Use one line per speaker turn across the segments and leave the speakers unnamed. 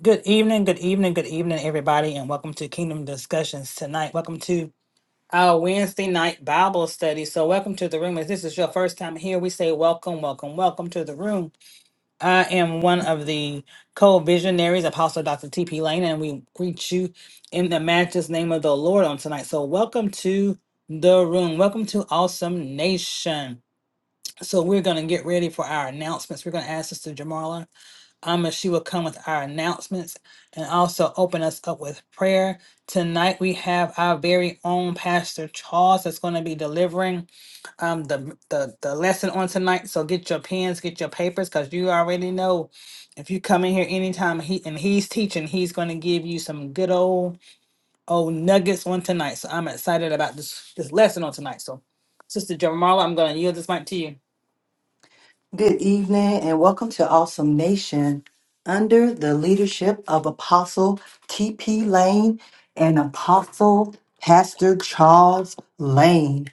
Good evening, good evening, good evening, everybody, and welcome to Kingdom Discussions tonight. Welcome to our Wednesday night Bible study. So, welcome to the room. If this is your first time here, we say welcome, welcome, welcome to the room. I am one of the co visionaries, Apostle Dr. T.P. Lane, and we greet you in the matchless name of the Lord on tonight. So, welcome to the room. Welcome to Awesome Nation. So, we're going to get ready for our announcements. We're going to ask Sister Jamala. Um, and she will come with our announcements and also open us up with prayer. Tonight we have our very own Pastor Charles that's going to be delivering um the, the the lesson on tonight. So get your pens, get your papers, because you already know if you come in here anytime he and he's teaching, he's going to give you some good old old nuggets on tonight. So I'm excited about this this lesson on tonight. So, Sister Jamarla, I'm going to yield this mic to you.
Good evening and welcome to Awesome Nation under the leadership of Apostle T.P. Lane and Apostle Pastor Charles Lane.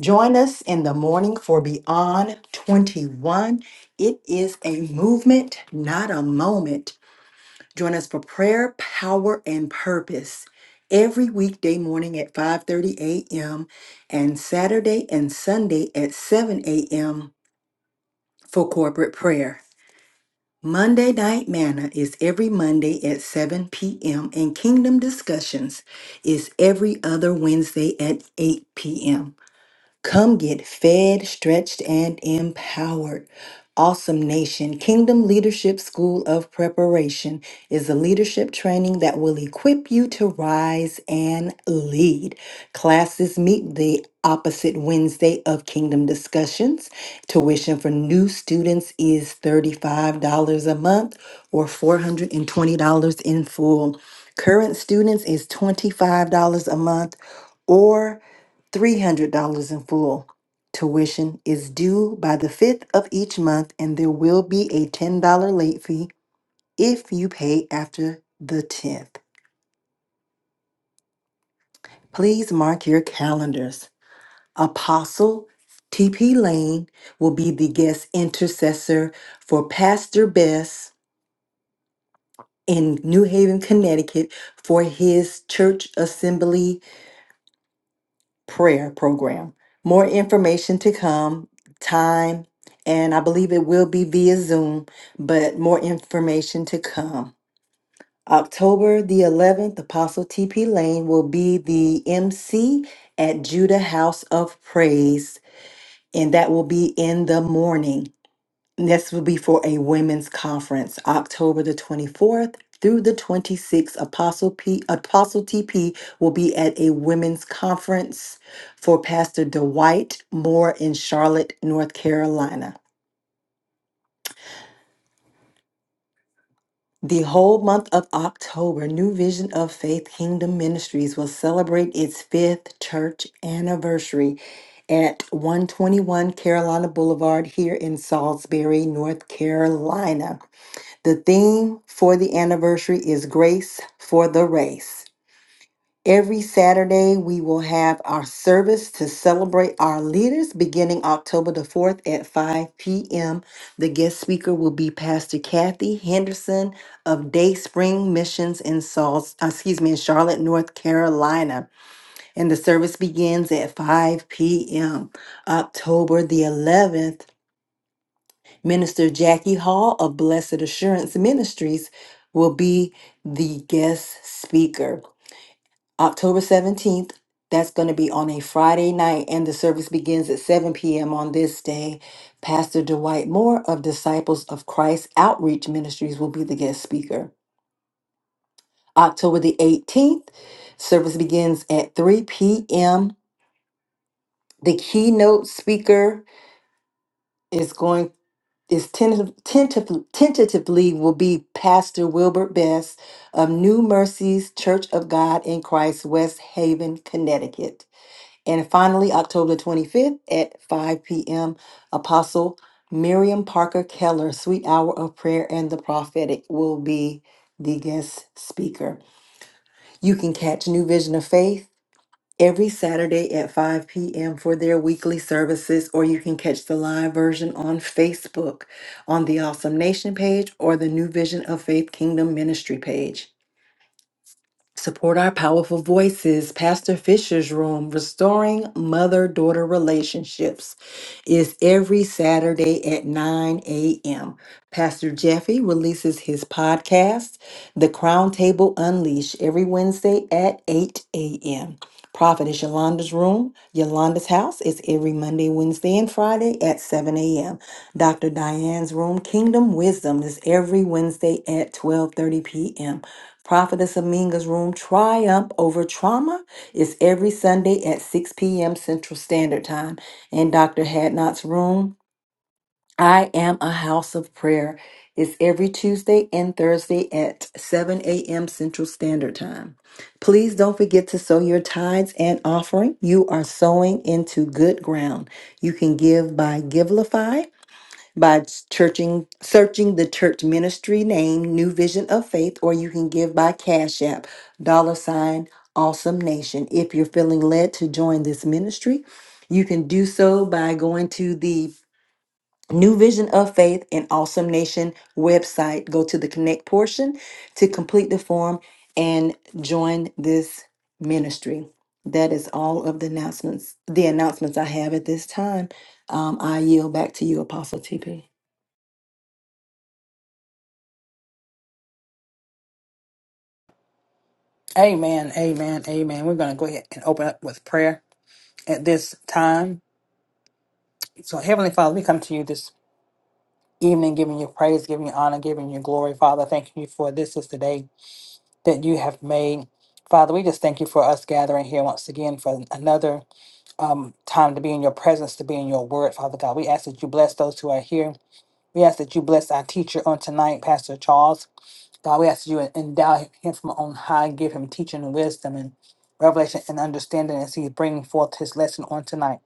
Join us in the morning for Beyond 21. It is a movement, not a moment. Join us for prayer, power, and purpose every weekday morning at 5:30 a.m. and Saturday and Sunday at 7 a.m. for corporate prayer. Monday Night Manna is every Monday at 7 p.m., and Kingdom Discussions is every other Wednesday at 8 p.m. Come get fed, stretched, and empowered. Awesome Nation Kingdom Leadership School of Preparation is a leadership training that will equip you to rise and lead. Classes meet the opposite Wednesday of Kingdom Discussions. Tuition for new students is $35 a month or $420 in full. Current students is $25 a month or. $300 in full. Tuition is due by the 5th of each month, and there will be a $10 late fee if you pay after the 10th. Please mark your calendars. Apostle TP Lane will be the guest intercessor for Pastor Bess in New Haven, Connecticut for his church assembly prayer program. More information to come, time, and I believe it will be via Zoom, but more information to come. October the 11th, Apostle TP Lane will be the MC at Judah House of Praise, and that will be in the morning. Next will be for a women's conference, October the 24th through the 26th. Apostle P Apostle TP will be at a women's conference for Pastor Dwight Moore in Charlotte, North Carolina. The whole month of October, New Vision of Faith Kingdom Ministries will celebrate its fifth church anniversary at 121 Carolina Boulevard here in Salisbury, North Carolina. The theme for the anniversary is Grace for the Race. Every Saturday, we will have our service to celebrate our leaders beginning October the 4th at 5 p.m. The guest speaker will be Pastor Kathy Henderson of Day Spring Missions in Salt, uh, excuse me, in Charlotte, North Carolina. And the service begins at 5 p.m. October the 11th. Minister Jackie Hall of Blessed Assurance Ministries will be the guest speaker. October 17th, that's going to be on a Friday night, and the service begins at 7 p.m. on this day. Pastor Dwight Moore of Disciples of Christ Outreach Ministries will be the guest speaker. October the 18th, service begins at 3 p.m. The keynote speaker is going. is tentative, tentative, tentatively will be Pastor Wilbert Best of New Mercies Church of God in Christ, West Haven, Connecticut. And finally, October 25th at 5 p.m., Apostle Miriam Parker Keller, Sweet Hour of Prayer and the Prophetic, will be the guest speaker. You can catch New Vision of Faith every Saturday at 5 p.m. for their weekly services, or you can catch the live version on Facebook on the Awesome Nation page or the New Vision of Faith Kingdom Ministry page. Support our powerful voices. Pastor Fisher's Room, Restoring Mother Daughter Relationships, is every Saturday at 9 a.m. Pastor Jeffy releases his podcast, The Crown Table Unleashed, every Wednesday at 8 a.m. Prophetess Yolanda's Room, Yolanda's House, is every Monday, Wednesday, and Friday at 7 a.m. Dr. Diane's Room, Kingdom Wisdom, is every Wednesday at 12.30 p.m. Prophetess Aminga's Room Triumph Over Trauma is every Sunday at 6 p.m. Central Standard Time. And Dr. Hadnot's Room, I Am a House of Prayer, is every Tuesday and Thursday at 7 a.m. Central Standard Time. Please don't forget to sow your tithes and offering. You are sowing into good ground. You can give by Givelify by searching searching the church ministry name New Vision of Faith, or you can give by Cash App, dollar sign Awesome Nation. If you're feeling led to join this ministry, you can do so by going to the New Vision of Faith and Awesome Nation website. Go to the connect portion to complete the form and join this ministry. That is all of the announcements, the announcements I have at this time. Um, I yield back to you, Apostle TP.
Amen. Amen. Amen. We're going to go ahead and open up with prayer. at this time. So, Heavenly Father, we come to you this evening, giving you praise, giving you honor, giving you glory. Father, thank you for this is the day that you have made. Father, we just thank you for us gathering here once again for another um, time to be in your presence, to be in your word, Father God. We ask that you bless those who are here. We ask that you bless our teacher on tonight, Pastor Charles. God, we ask you to endow him from on high, give him teaching and wisdom and revelation and understanding as he's bringing forth his lesson on tonight.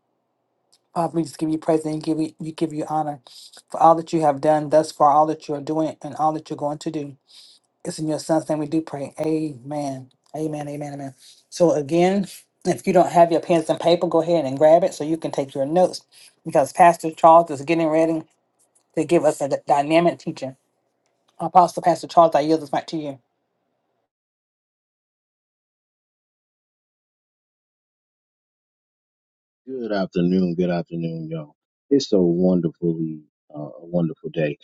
Father, we just give you praise and give you, we give you honor for all that you have done thus far, all that you are doing, and all that you're going to do. It's in your son's name we do pray. Amen. Amen. Amen. Amen. So again, if you don't have your pens and paper, go ahead and grab it so you can take your notes because Pastor Charles is getting ready to give us a d- dynamic teaching. Apostle Pastor Charles, I yield this mic to you.
Good afternoon. Good afternoon, y'all. It's a wonderfully, uh, a wonderful day.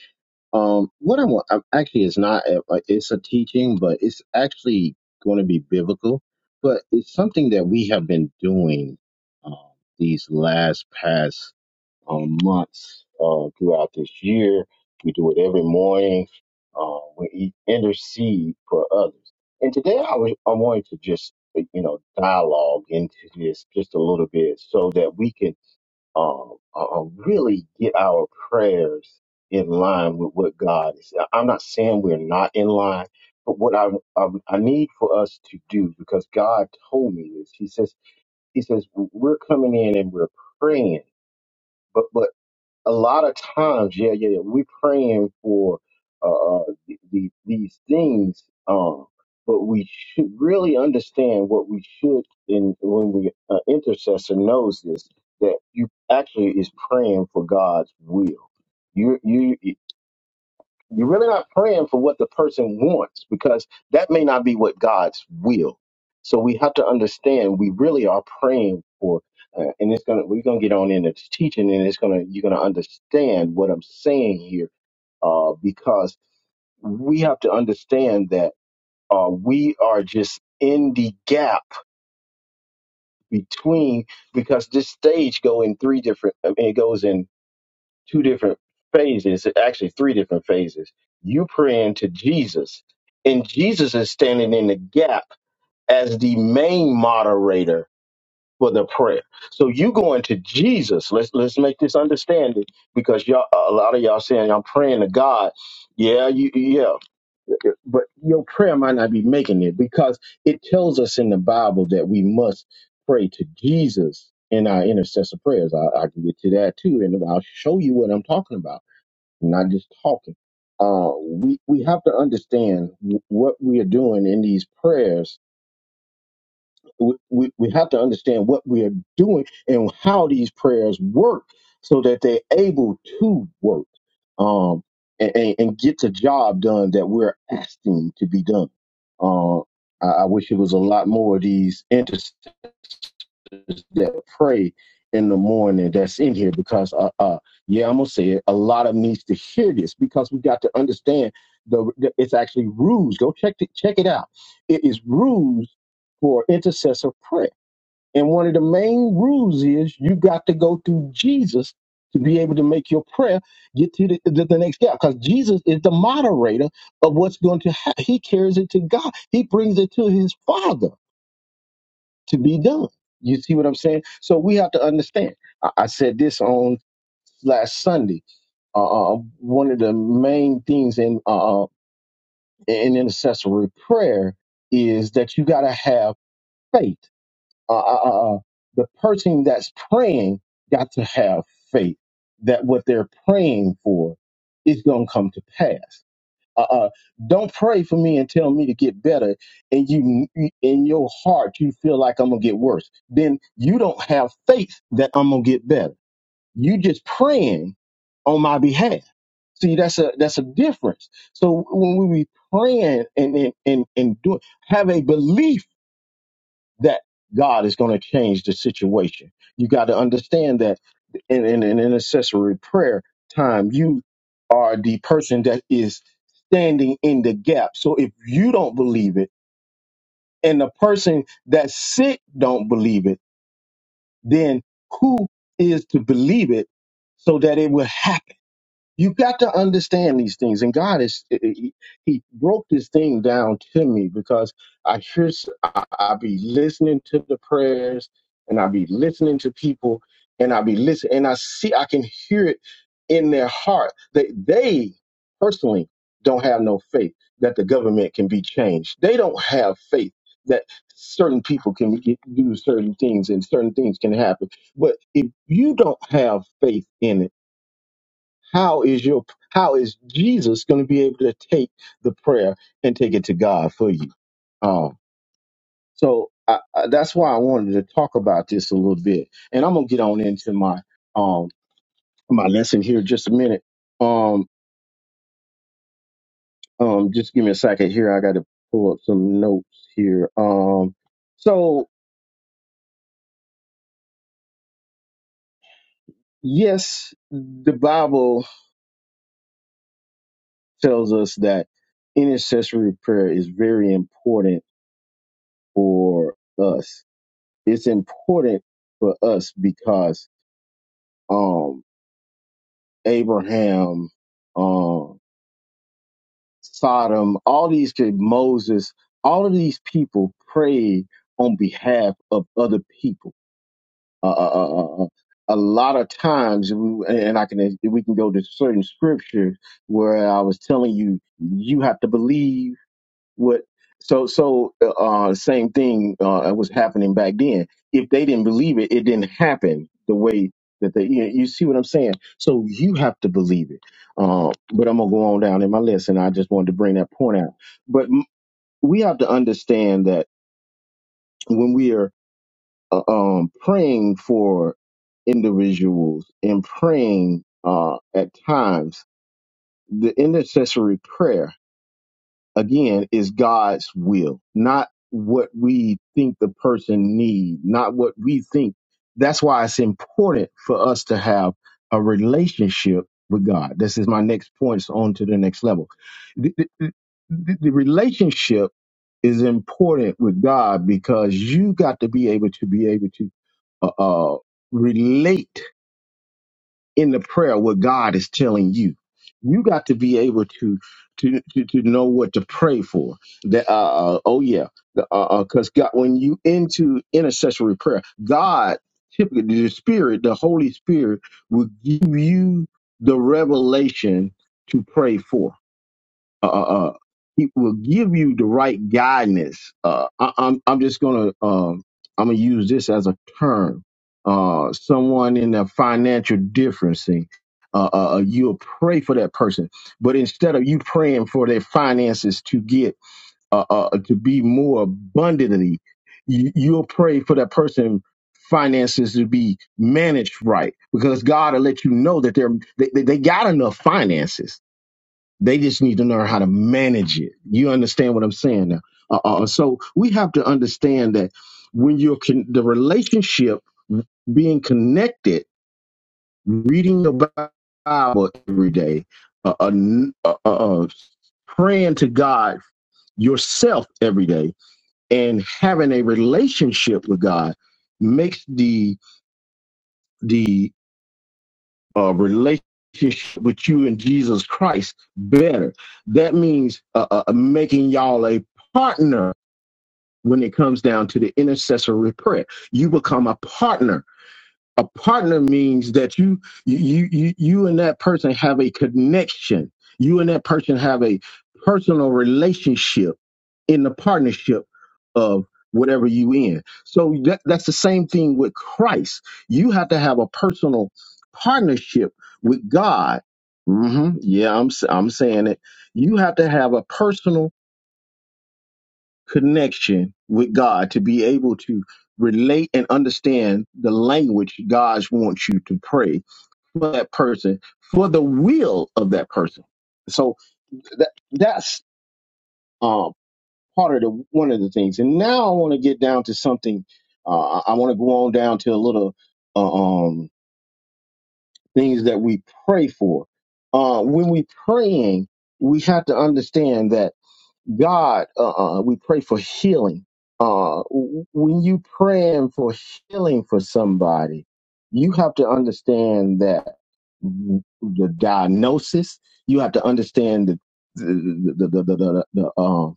Um, what I want, I'm, actually, it's not, a- a- it's a teaching, but it's actually going to be biblical. But it's something that we have been doing um, these last past um, months uh, throughout this year. We do it every morning. Uh, we eat, intercede for others. And today I, was, I wanted to just, you know, dialogue into this just a little bit so that we can um, uh, uh, really get our prayers in line with what God is. I- I'm not saying we're not in line, but what I, I I need for us to do because God told me this. He says He says we're coming in and we're praying, but, but a lot of times, yeah, yeah, yeah, we're praying for uh, uh, the, the, these things, um, but we should really understand what we should, in when we uh, intercessor knows this, that you actually is praying for God's will. You, you. You're really not praying for what the person wants because that may not be what God's will. So we have to understand we really are praying for, uh, and it's gonna we're gonna get on into teaching, and it's gonna you're gonna understand what I'm saying here uh, because we have to understand that uh, we are just in the gap between because this stage go in three different I mean, it goes in two different phases, actually three different phases. You praying to Jesus, and Jesus is standing in the gap as the main moderator for the prayer. So you going to Jesus. Let's let's make this understanding because y'all a lot of y'all saying I'm praying to God. Yeah, you yeah. But your prayer might not be making it because it tells us in the Bible that we must pray to Jesus in our intercessor prayers. I, I can get to that too, and I'll show you what I'm talking about not just talking. Uh, we we have to understand wh- what we are doing in these prayers. We, we we have to understand what we are doing and how these prayers work, so that they're able to work um, and, and and get the job done that we're asking to be done. Uh, I, I wish it was a lot more of these that pray in the morning that's in here because uh, uh yeah i'm gonna say it a lot of needs to hear this because we got to understand the, the it's actually rules go check it check it out it is rules for intercessor prayer and one of the main rules is you got to go through jesus to be able to make your prayer get to the, the, the next step because jesus is the moderator of what's going to happen he carries it to god he brings it to his father to be done. You see what I'm saying? So we have to understand. I, I said this on last Sunday. Uh, uh, uh, one of the main things in uh, uh, in intercessory prayer is that you got to have faith. Uh, uh, uh, uh, the person that's praying got to have faith that what they're praying for is going to come to pass uh-uh. Don't pray for me and tell me to get better, and you in your heart you feel like I'm gonna get worse. Then you don't have faith that I'm gonna get better. You just praying on my behalf. See, that's a that's a difference. So when we be praying and and and, and doing, have a belief that God is going to change the situation. You got to understand that in, an in, in intercessory prayer time, you are the person that is standing in the gap. So if you don't believe it and the person that's sick don't believe it, then who is to believe it so that it will happen? You got to understand these things. And God is, eh, eh, he, he broke this thing down to me because I hear, s- I, I be listening to the prayers and I be listening to people and I be listening and I see, I can hear it in their heart that they personally don't have no faith that the government can be changed. They don't have faith that certain people can get, do certain things and certain things can happen. But if you don't have faith in it, how is your how is Jesus going to be able to take the prayer and take it to God for you? Um, so I, I, that's why I wanted to talk about this a little bit, and I'm gonna get on into my um my lesson here in just a minute. Um, um, just give me a second here. I got to pull up some notes here. Um, so yes, the Bible tells us that intercessory prayer is very important for us it's important for us because um Abraham, um Sodom, all these kid- Moses, all of these people prayed on behalf of other people. Uh, uh, uh, uh, uh, a lot of times, we- and I can we can go to certain scriptures where I was telling you you have to believe what so so uh same thing uh was happening back then if they didn't believe it it didn't happen the way that they you, you see what i'm saying so you have to believe it uh, but i'm gonna go on down in my list and i just wanted to bring that point out but m- we have to understand that when we are uh, um praying for individuals and praying uh at times the intercessory prayer again is God's will, not what we think the person need, not what we think. That's why it's important for us to have a relationship with God. This is my next point. So on to the next level. The, the, the, the relationship is important with God because you got to be able to be able to uh, uh, relate in the prayer what God is telling you. You got to be able to to to, to know what to pray for. That uh, uh, oh yeah, because uh, uh 'cause God, when you into intercessory prayer, God typically the Spirit, the Holy Spirit, will give you the revelation to pray for uh, uh, uh, he will give you the right guidance. Uh, I, I'm, I'm just gonna, um, I'm gonna use this as a term. Uh, someone in a financial differencing, uh, uh, uh, you'll pray for that person, but instead of you praying for their finances to get, uh, uh, uh, to be more abundantly, you, you'll pray for that person finances to be managed right because God will let you know that they're they, they they got enough finances they just need to learn how to manage it. You understand what I'm saying now? Uh, uh, so we have to understand that when you're con- the relationship being connected, reading your Bi- Bible every day, uh, uh, uh, uh, uh, praying to God yourself every day, and having a relationship with God makes the the uh, relationship with you and Jesus Christ better. That means uh, uh, uh, making y'all a partner when it comes down to the intercessory prayer. You become a partner a partner means that you you you you and that person have a connection you and that person have a personal relationship in the partnership of whatever you in so that, that's the same thing with christ you have to have a personal partnership with god hmm yeah i'm s- i'm saying it you have to have a personal connection with God to be able to relate and understand the language God wants you to pray for that person, for the will of that person. So that that's um, part of the one of the things. And now I want to get down to something. Uh, I want to go on down to a little uh, um, things that we pray for. Uh, when we praying, we have to understand that. God, uh, uh, we pray for healing. Uh, w- when you praying for healing for somebody, you have to understand that the diagnosis. You have to understand the the the the the, the, the, um,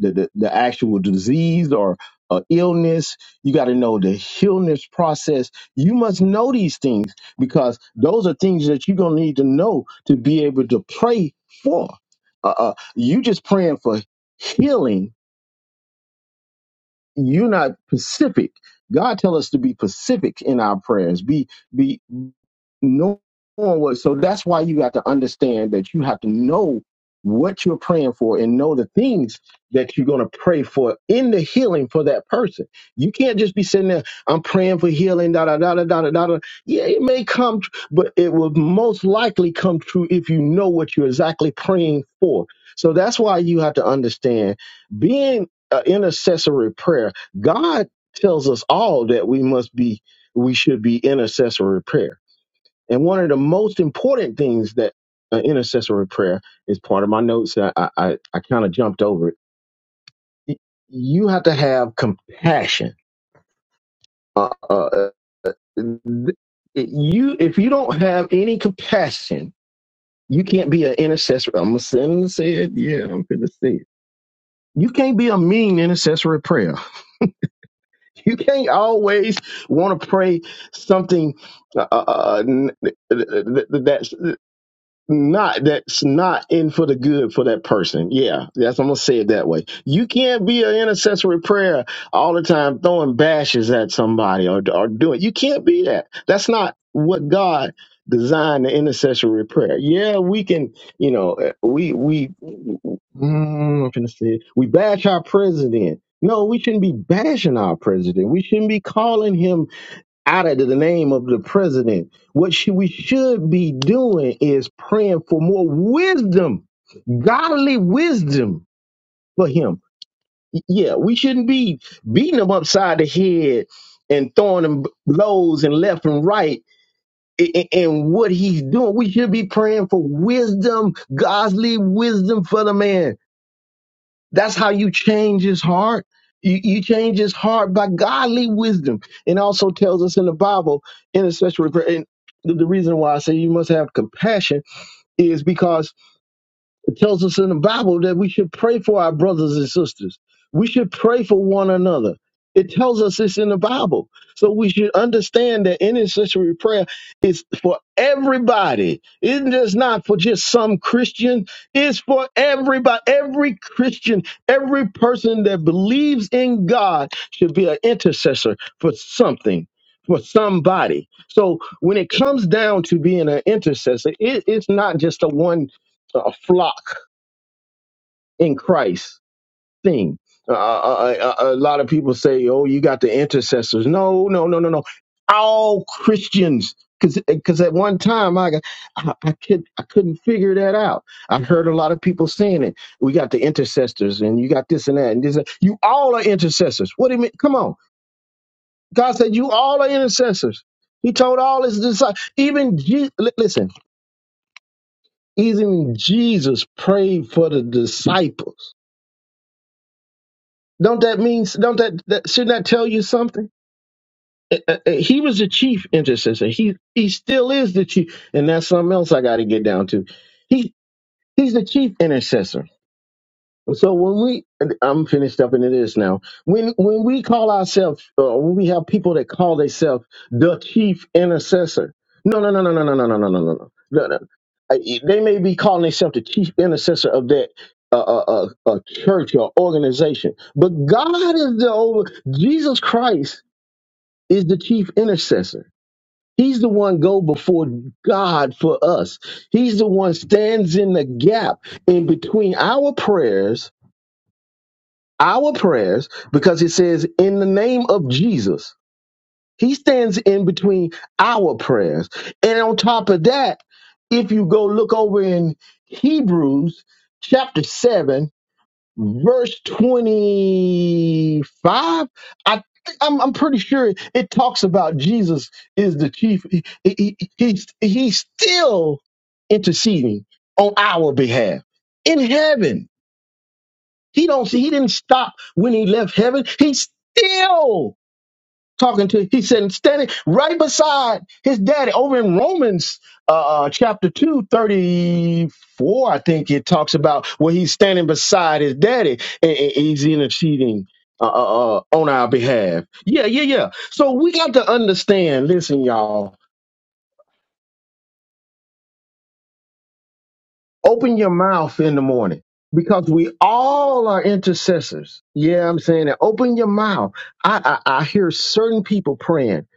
the, the, the actual disease or uh, illness. You got to know the illness process. You must know these things because those are things that you're gonna need to know to be able to pray for. Uh, uh, you just praying for healing, you're not pacific. God tell us to be pacific in our prayers. Be be knowing what so that's why you have to understand that you have to know what you're praying for and know the things that you're going to pray for in the healing for that person you can't just be sitting there i'm praying for healing da da da da da da da da." yeah it may come tr- but it will most likely come true if you know what you're exactly praying for so that's why you have to understand being an intercessory prayer god tells us all that we must be we should be intercessory prayer and one of the most important things that uh, intercessory prayer is part of my notes. I I, I kind of jumped over it. Y- You have to have compassion. Uh, uh, uh, th- you if you don't have any compassion, you can't be an intercessor. I'm gonna say it. say it. Yeah, I'm gonna say it. You can't be a mean intercessory prayer. You can't always want to pray something uh, uh, uh, n- th- th- th- that's not that's not in for the good for that person. Yeah, that's I'm gonna say it that way. You can't be an intercessory prayer all the time throwing bashes at somebody or or doing. You can't be that. That's not what God designed the intercessory prayer. Yeah, we can. You know, eh, we we mm, I'm finna say it. we bash our president. No, we shouldn't be bashing our president. We shouldn't be calling him out of the name of the president. What should, we should be doing is praying for more wisdom, godly wisdom for him. Y- Yeah, we shouldn't be beating him upside the head and throwing him blows and left and right. i- And what he's doing, we should be praying for wisdom, godly wisdom for the man that's how you change his heart. You, you change his heart by godly wisdom. And also tells us in the Bible, intercessory prayer. And the the reason why I say you must have compassion is because it tells us in the Bible that we should pray for our brothers and sisters. We should pray for one another. It tells us it's in the Bible. So we should understand that intercessory prayer is for everybody. It is not for just some Christian. It's for everybody. Every Christian, every person that believes in God should be an intercessor for something, for somebody. So when it comes down to being an intercessor, it, it's not just a one a flock in Christ thing. Uh, uh, uh, uh, a lot of people say, "Oh, you got the intercessors." No, no, no, no, no. All Christians, because because at one time I got- I, I could I couldn't figure that out. I heard a lot of people saying it. We got the intercessors, and you got this and that, and this. and- You all are intercessors. What do you mean? Come on, God said you all are intercessors. He told all his disciples. Even Je- li- listen, even Jesus prayed for the disciples Don't that mean? Don't that, that shouldn't that tell you something? Uh, uh, uh, He was the chief intercessor. He he still is the chief, and that's something else I got to get down to. He he's the chief intercessor. So when we, and I'm finished up and it is now. When when we call ourselves, uh, when we have people that call themselves the chief intercessor. No, no, no, no, no, no, no, no, no, no, no, no. no. Uh, They may be calling themselves the chief intercessor of that uh, uh, uh, uh, church or organization, but God is the over. Jesus Christ is the chief intercessor. He's the one go before God for us. He's the one stands in the gap in between our prayers our prayers because it says in the name of Jesus. He stands in between our prayers. And on top of that, if you go look over in Hebrews chapter 7, verse 25, I I'm, I'm pretty sure it, talks about Jesus is the chief. He, he, he- he's, he's still interceding on our behalf in heaven he don't see. He didn't stop when he left heaven. He's still talking to. He said standing right beside his daddy over in Romans uh, uh, chapter 2 34. I think it talks about where he's standing beside his daddy and, and he's interceding. Uh, uh, uh, on our behalf. Yeah, yeah, yeah. So we got to understand, listen, y'all, Open your mouth in the morning because we all are intercessors. Yeah, I'm saying that. Open your mouth. I I, I hear certain people praying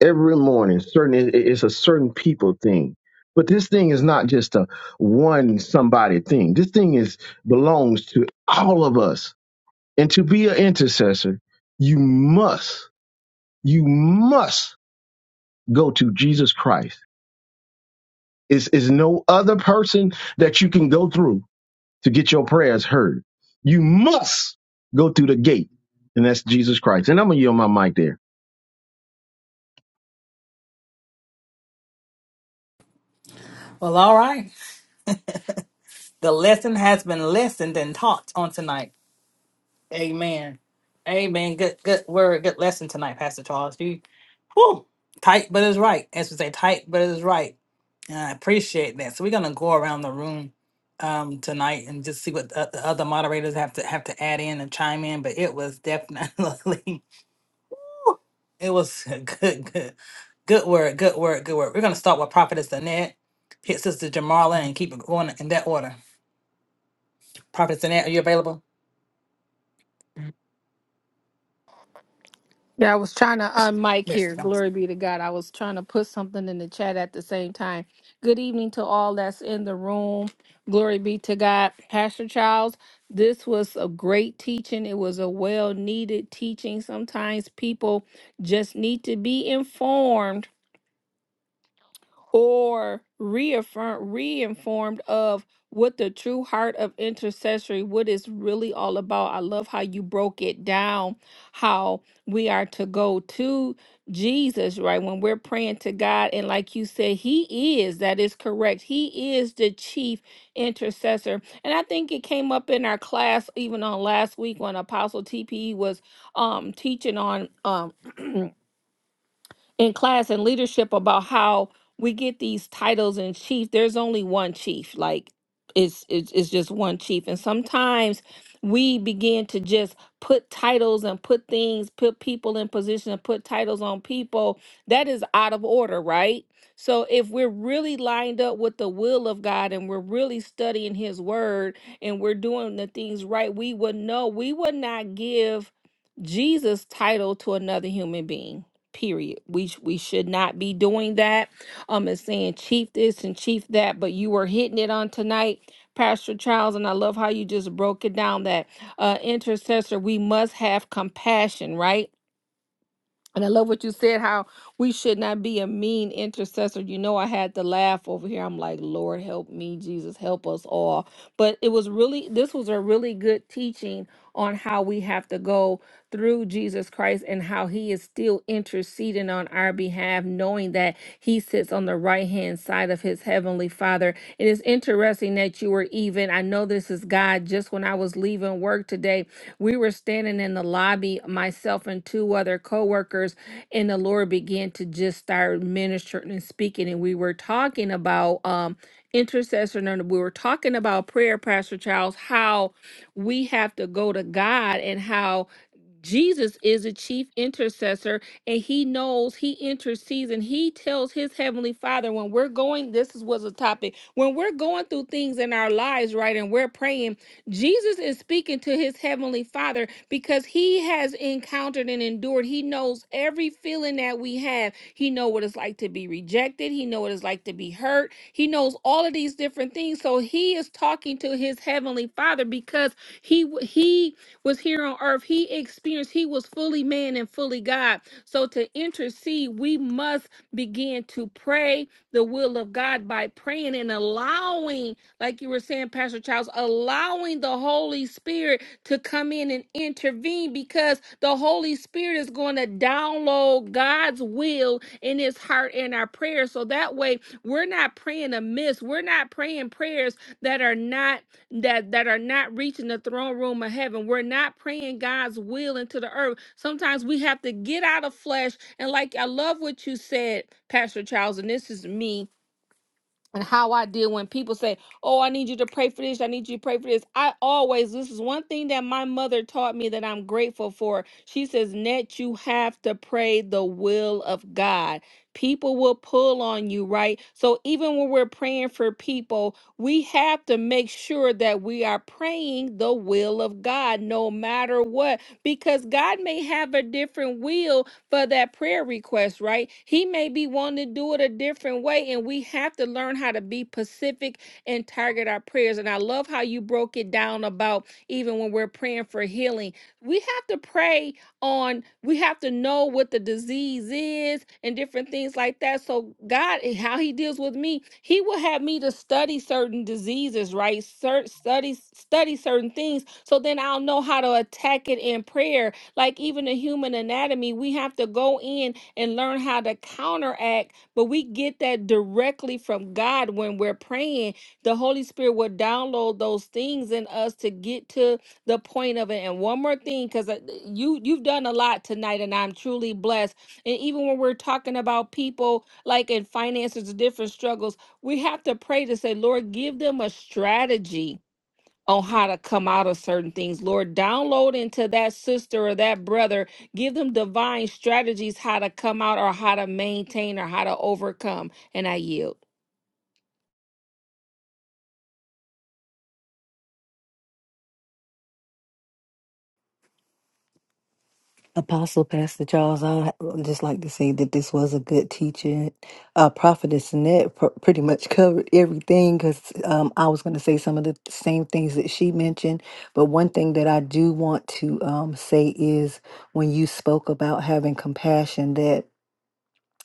every morning. Certain it- it's a certain people thing. But this thing is not just a one somebody thing. This thing is belongs to all of us. And to be an intercessor, you must, you must go to Jesus Christ. It's, it's no other person that you can go through to get your prayers heard. You must go through the gate, and that's Jesus Christ. And I'm gonna yield my mic there.
Well, all right. The lesson has been listened and taught on tonight. Amen. Amen. Good good word, good lesson tonight, Pastor Charles. You Whew, tight, but it's right. As we say, tight, but it's right. And I appreciate that. So we're gonna go around the room um, tonight and just see what the, the other moderators have to have to add in and chime in. But it was definitely, whew, it was a good, good, good word, good word, good word. We're gonna start with Prophetess Annette, hit Sister Jamarla, and keep it going in that order. Prophetess Annette, are you available?
Yeah, I was trying to unmic
Yes.
here. Glory be to God. I was trying to put something in the chat at the same time. Good evening to all that's in the room. Glory be to God. Pastor Charles, this was a great teaching. It was a well needed teaching. Sometimes people just need to be informed or reaffirm reinformed of what the true heart of intercessory what it's really all about i love how you broke it down how we are to go to jesus right when we're praying to god and like you said he is that is correct he is the chief intercessor and i think it came up in our class even on last week when apostle tpe was um teaching on um in class and leadership about how we get these titles in chief. There's only one chief, like it's it's, it's just one chief, and sometimes we begin to just put titles and put things, put people in position and put titles on people. That is out of order, right? So if we're really lined up with the will of God and we're really studying his word and we're doing the things right, we would know we would not give Jesus title to another human being period we sh- we should not be doing that um and saying chief this and chief that but you were hitting it on tonight pastor charles and i love how you just broke it down that uh intercessor we must have compassion right and I love what you said, how we should not be a mean intercessor. You know, I had to laugh over here. I'm like, Lord, help me, Jesus, help us all. But it was really, this was a really good teaching on how we have to go through Jesus Christ and how he is still interceding on our behalf, knowing that he sits on the right hand side of his heavenly father. It is interesting that you were even, I know this is God, just when I was leaving work today. We were standing in the lobby, myself and two other coworkers, and the Lord began to just start ministering and speaking. And we were talking about um intercession and we were talking about prayer, Pastor Charles, how we have to go to God and how Jesus is a chief intercessor and he knows he intercedes and he tells his heavenly father when we're going this is was a topic when we're going through things in our lives right and we're praying Jesus is speaking to his heavenly father because he has encountered and endured he knows every feeling that we have he know what it's like to be rejected he know what it's like to be hurt he knows all of these different things so he is talking to his heavenly father because he he was here on earth, he experienced, he was fully man and fully God. So to intercede, we must begin to pray the will of God by praying and allowing, like you were saying, Pastor Charles, allowing the Holy Spirit to come in and intervene because the Holy Spirit is going to download God's will in his heart and our prayers. So that way, we're not praying amiss. We're not praying prayers that are not that that are not reaching the throne room of heaven. We're not praying God's will into the earth. Sometimes we have to get out of flesh. And like I love what you said, Pastor Charles, and this is me and how I deal when people say, "Oh, I need you to pray for this. I need you to pray for this." I always this is one thing that my mother taught me that I'm grateful for. She says, "Net, you have to pray the will of God. People will pull on you, right? So even when we're praying for people, we have to make sure that we are praying the will of God, no matter what, because God may have a different will for that prayer request, right? He may be wanting to do it a different way, and we have to learn how to be pacific and target our prayers. And I love how you broke it down about even when we're praying for healing, we have to pray on, we have to know what the disease is and different things like that. So, God, eh, how He deals with me, He will have me to study certain diseases, right? Cer- study, study certain things so then I'll know how to attack it in prayer like even the human anatomy, we have to go in and learn how to counteract, but we get that directly from God when we're praying. The Holy Spirit will download those things in us to get to the point of it. And one more thing, because you you've done a lot tonight, and I'm truly blessed. And even when we're talking about people like in finances, different struggles, we have to pray to say, Lord, give them a strategy on how to come out of certain things. Lord, download into that sister or that brother, give them divine strategies how to come out or how to maintain or how to overcome. And I yield.
Apostle Pastor Charles, I would just like to say that this was a good teaching. Uh, Prophetess Annette pr- pretty much covered everything because um, I was going to say some of the same things that she mentioned. But one thing that I do want to um, say is when you spoke about having compassion, that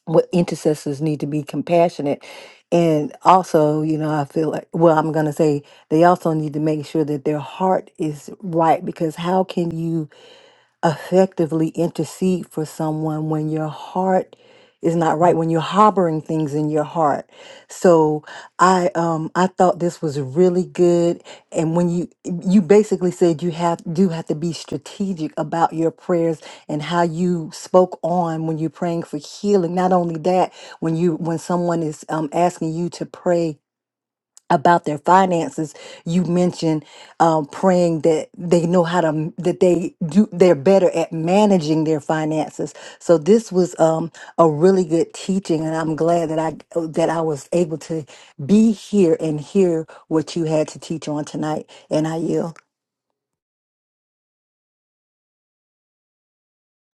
what intercessors need to be compassionate. And also, you know, I feel like, well, I'm going to say they also need to make sure that their heart is right because how can you? effectively intercede for someone when your heart is not right when you're harboring things in your heart. So I um I thought this was really good and when you you basically said you have do have to be strategic about your prayers and how you spoke on when you're praying for healing. Not only that, when you when someone is um asking you to pray about their finances you mentioned um, praying that they know how to that they do they're better at managing their finances so this was um, a really good teaching and i'm glad that i that i was able to be here and hear what you had to teach on tonight and i yield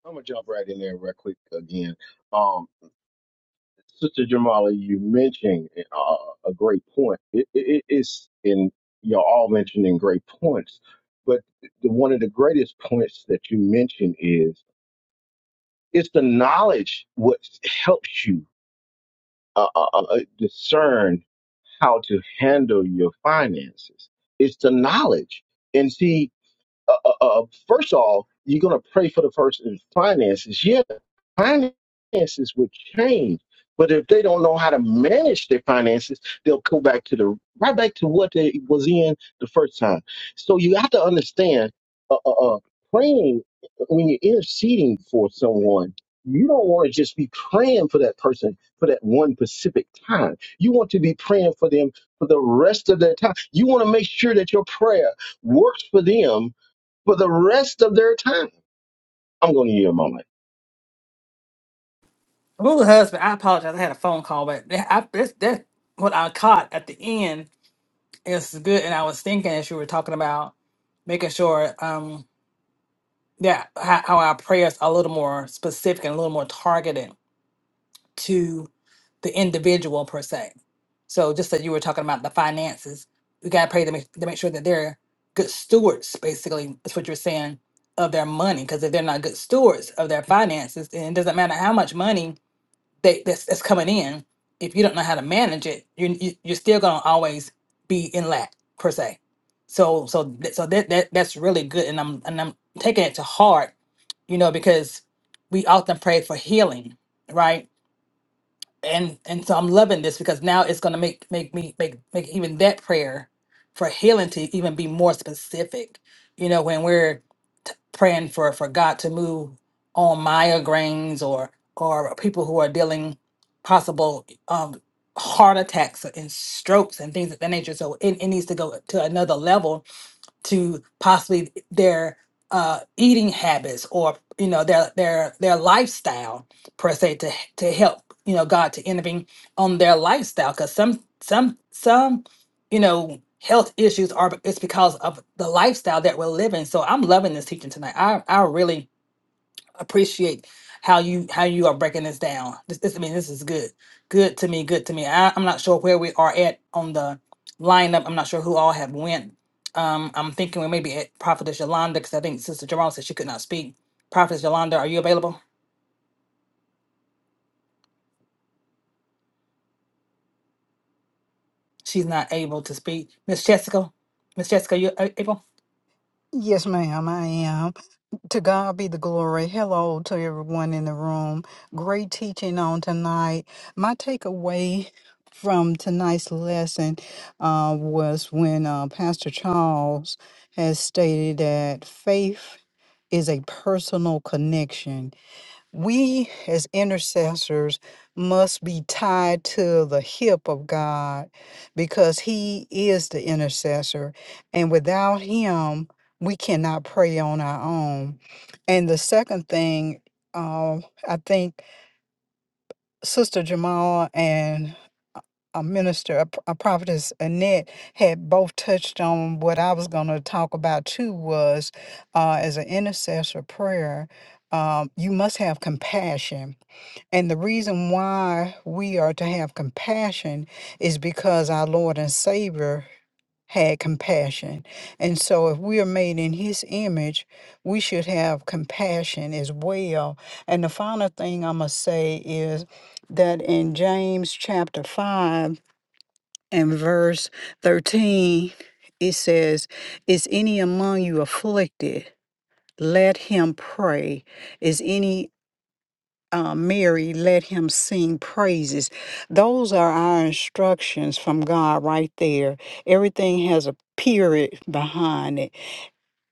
I'm gonna jump right in there real quick again. Um, Sister Jamala, you mentioned uh, a great point. It, it, it's in you're all mentioning great points, but the, one of the greatest points that you mentioned is it's the knowledge what helps you uh, uh, uh, uh, discern how to handle your finances. It's the knowledge, and see uh, uh, uh, uh, first of all, you're going to pray for the person's finances. Yeah, finances will change, but if they don't know how to manage their finances, they'll go back to the right back to what they was in the first time. So you have to understand, uh, uh, uh, praying uh, when you're interceding for someone. You don't want to just be praying for that person for that one specific time. You want to be praying for them for the rest of their time. You want to make sure that your prayer works for them for the rest of their time. I'm going to yield my mic.
Ooh, husband, I apologize. I had a phone call, but that- I, that's, that's what I caught at the end It's good. And I was thinking as you were talking about making sure um that how, how our prayers are a little more specific and a little more targeted to the individual per se. So just that you were talking about the finances, we gotta pray to make to make sure that they're good stewards, basically, is what you're saying, of their money. Because if they're not good stewards of their finances, then it doesn't matter how much money they that's, that's coming in if you don't know how to manage it you're, you- you're still going to always be in lack per se so so th- so that, that that's really good and i'm and i'm taking it to heart you know because we often pray for healing right and and so I'm loving this because now it's going to make make me make make even that prayer for healing to even be more specific. You know, when we're t- praying for for God to move on migraines or or people who are dealing possible um heart attacks and strokes and things of that nature. So it, it needs to go to another level to possibly their uh, eating habits or you know their their their lifestyle per se to to help you know God to intervene on their lifestyle because some some some you know health issues are it's because of the lifestyle that we're living. So I'm loving this teaching tonight. I I really appreciate how you how you are breaking this down. This, this I mean, this is good, good to me, good to me. I, I'm not sure where we are at on the lineup. I'm not sure who all have went. Um, I'm thinking we may be at Prophetess Yolanda because I think Sister Jerome said she could not speak. Prophetess Yolanda, are you available? She's not able to speak. Miss Jessica, Miss Jessica, you a- able?
Yes, ma'am, I am. To God be the glory. Hello to everyone in the room. Great teaching on tonight. My takeaway from tonight's lesson uh, was when uh, Pastor Charles has stated that faith is a personal connection we as intercessors must be tied to the hip of God because He is the intercessor. And without Him, we cannot pray on our own. And the second thing, um, I think Sister Jamal and a minister, a, p- a prophetess Annette, had both touched on what I was going to talk about too was uh, as an intercessor prayer, um, you must have compassion and the reason why we are to have compassion is because our Lord and Savior had compassion. And so, if we are made in His image, we should have compassion as well. And the final thing i must say is that in James chapter 5 and verse 13, it says, Is any among you afflicted? Let him pray. Is any uh, Mary, let him sing praises. Those are our instructions from God right there. Everything has a period behind it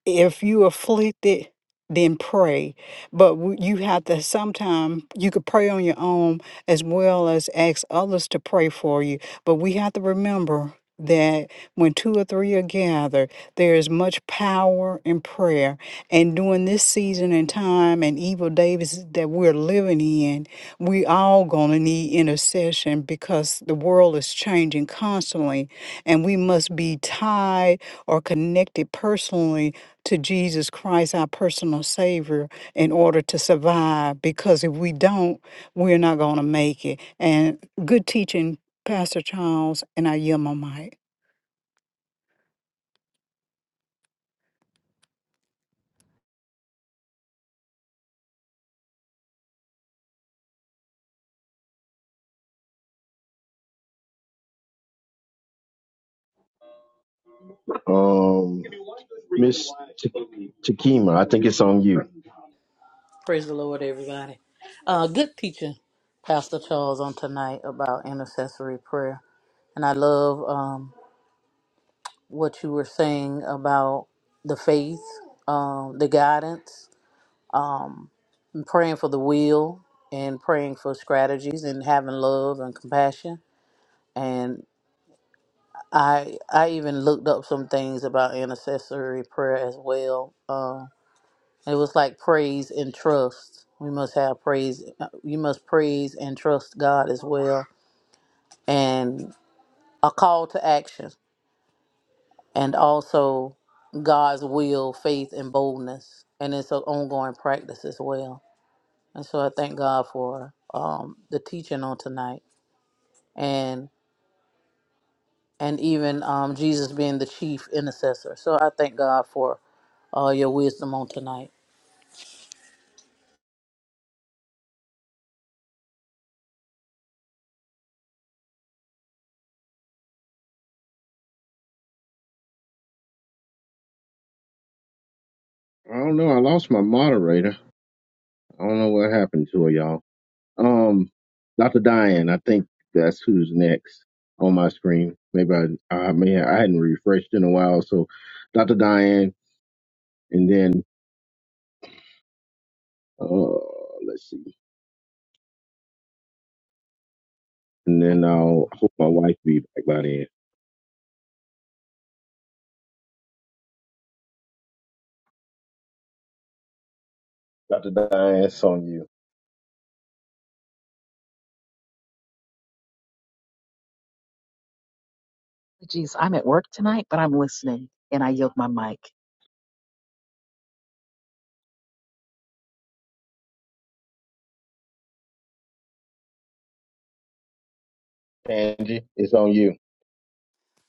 if you afflicted then pray but w- you have to sometime you could pray on your own as well as ask others to pray for you but we have to remember that when two or three are gathered there is much power in prayer and during this season and time and evil days that we're living in we all gonna need intercession because the world is changing constantly and we must be tied or connected personally to Jesus Christ, our personal Savior, in order to survive. Because if we don't, we're not going to make it. And good teaching, Pastor Charles, and I yield my mic.
Um, Miss Ch- Chikima, I think it's on you.
Praise the Lord, everybody. Uh, good teaching, Pastor Charles, on tonight about intercessory prayer. And I love um, what you were saying about the faith, um, the guidance, um, and praying for the will, and praying for strategies, and having love and compassion. And I, I even looked up some things about intercessory prayer as well. Um, It was like praise and trust. We must have praise. uh, You must praise and trust God as well, and a call to action, and also God's will, faith, and boldness. And it's an ongoing practice as well. And so I thank God for um, the teaching on tonight, and and even um, Jesus being the chief intercessor. So I thank God for all your wisdom on tonight.
I don't know. I lost my moderator. I don't know what happened to her, y'all. Um, Dr. Diane, I think that's who's next on my screen. Maybe I, I may I hadn't refreshed in a while. So, Dr. Diane, and then uh, let's see, and
Okay.
then I'll I hope my wife be back by then. Dr. Diane, it's on you.
Geez, I'm at work tonight, but I'm listening and I yield my mic.
Angie, it's on you.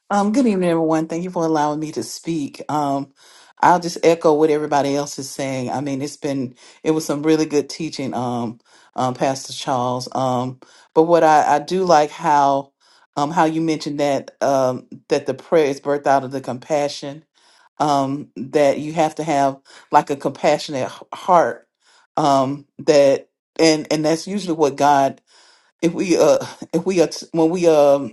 Um, good evening, everyone. Thank you for allowing me to speak. Um, I'll just echo what everybody else is saying. I mean, it's been it was some really good teaching, um, um, Pastor Charles. Um, but what I, I do like how um, how you mentioned that um, that the prayer is birthed out of the compassion. Um, that you have to have like a compassionate h- heart. Um, that and and that's usually what God if we uh if we are t- when we um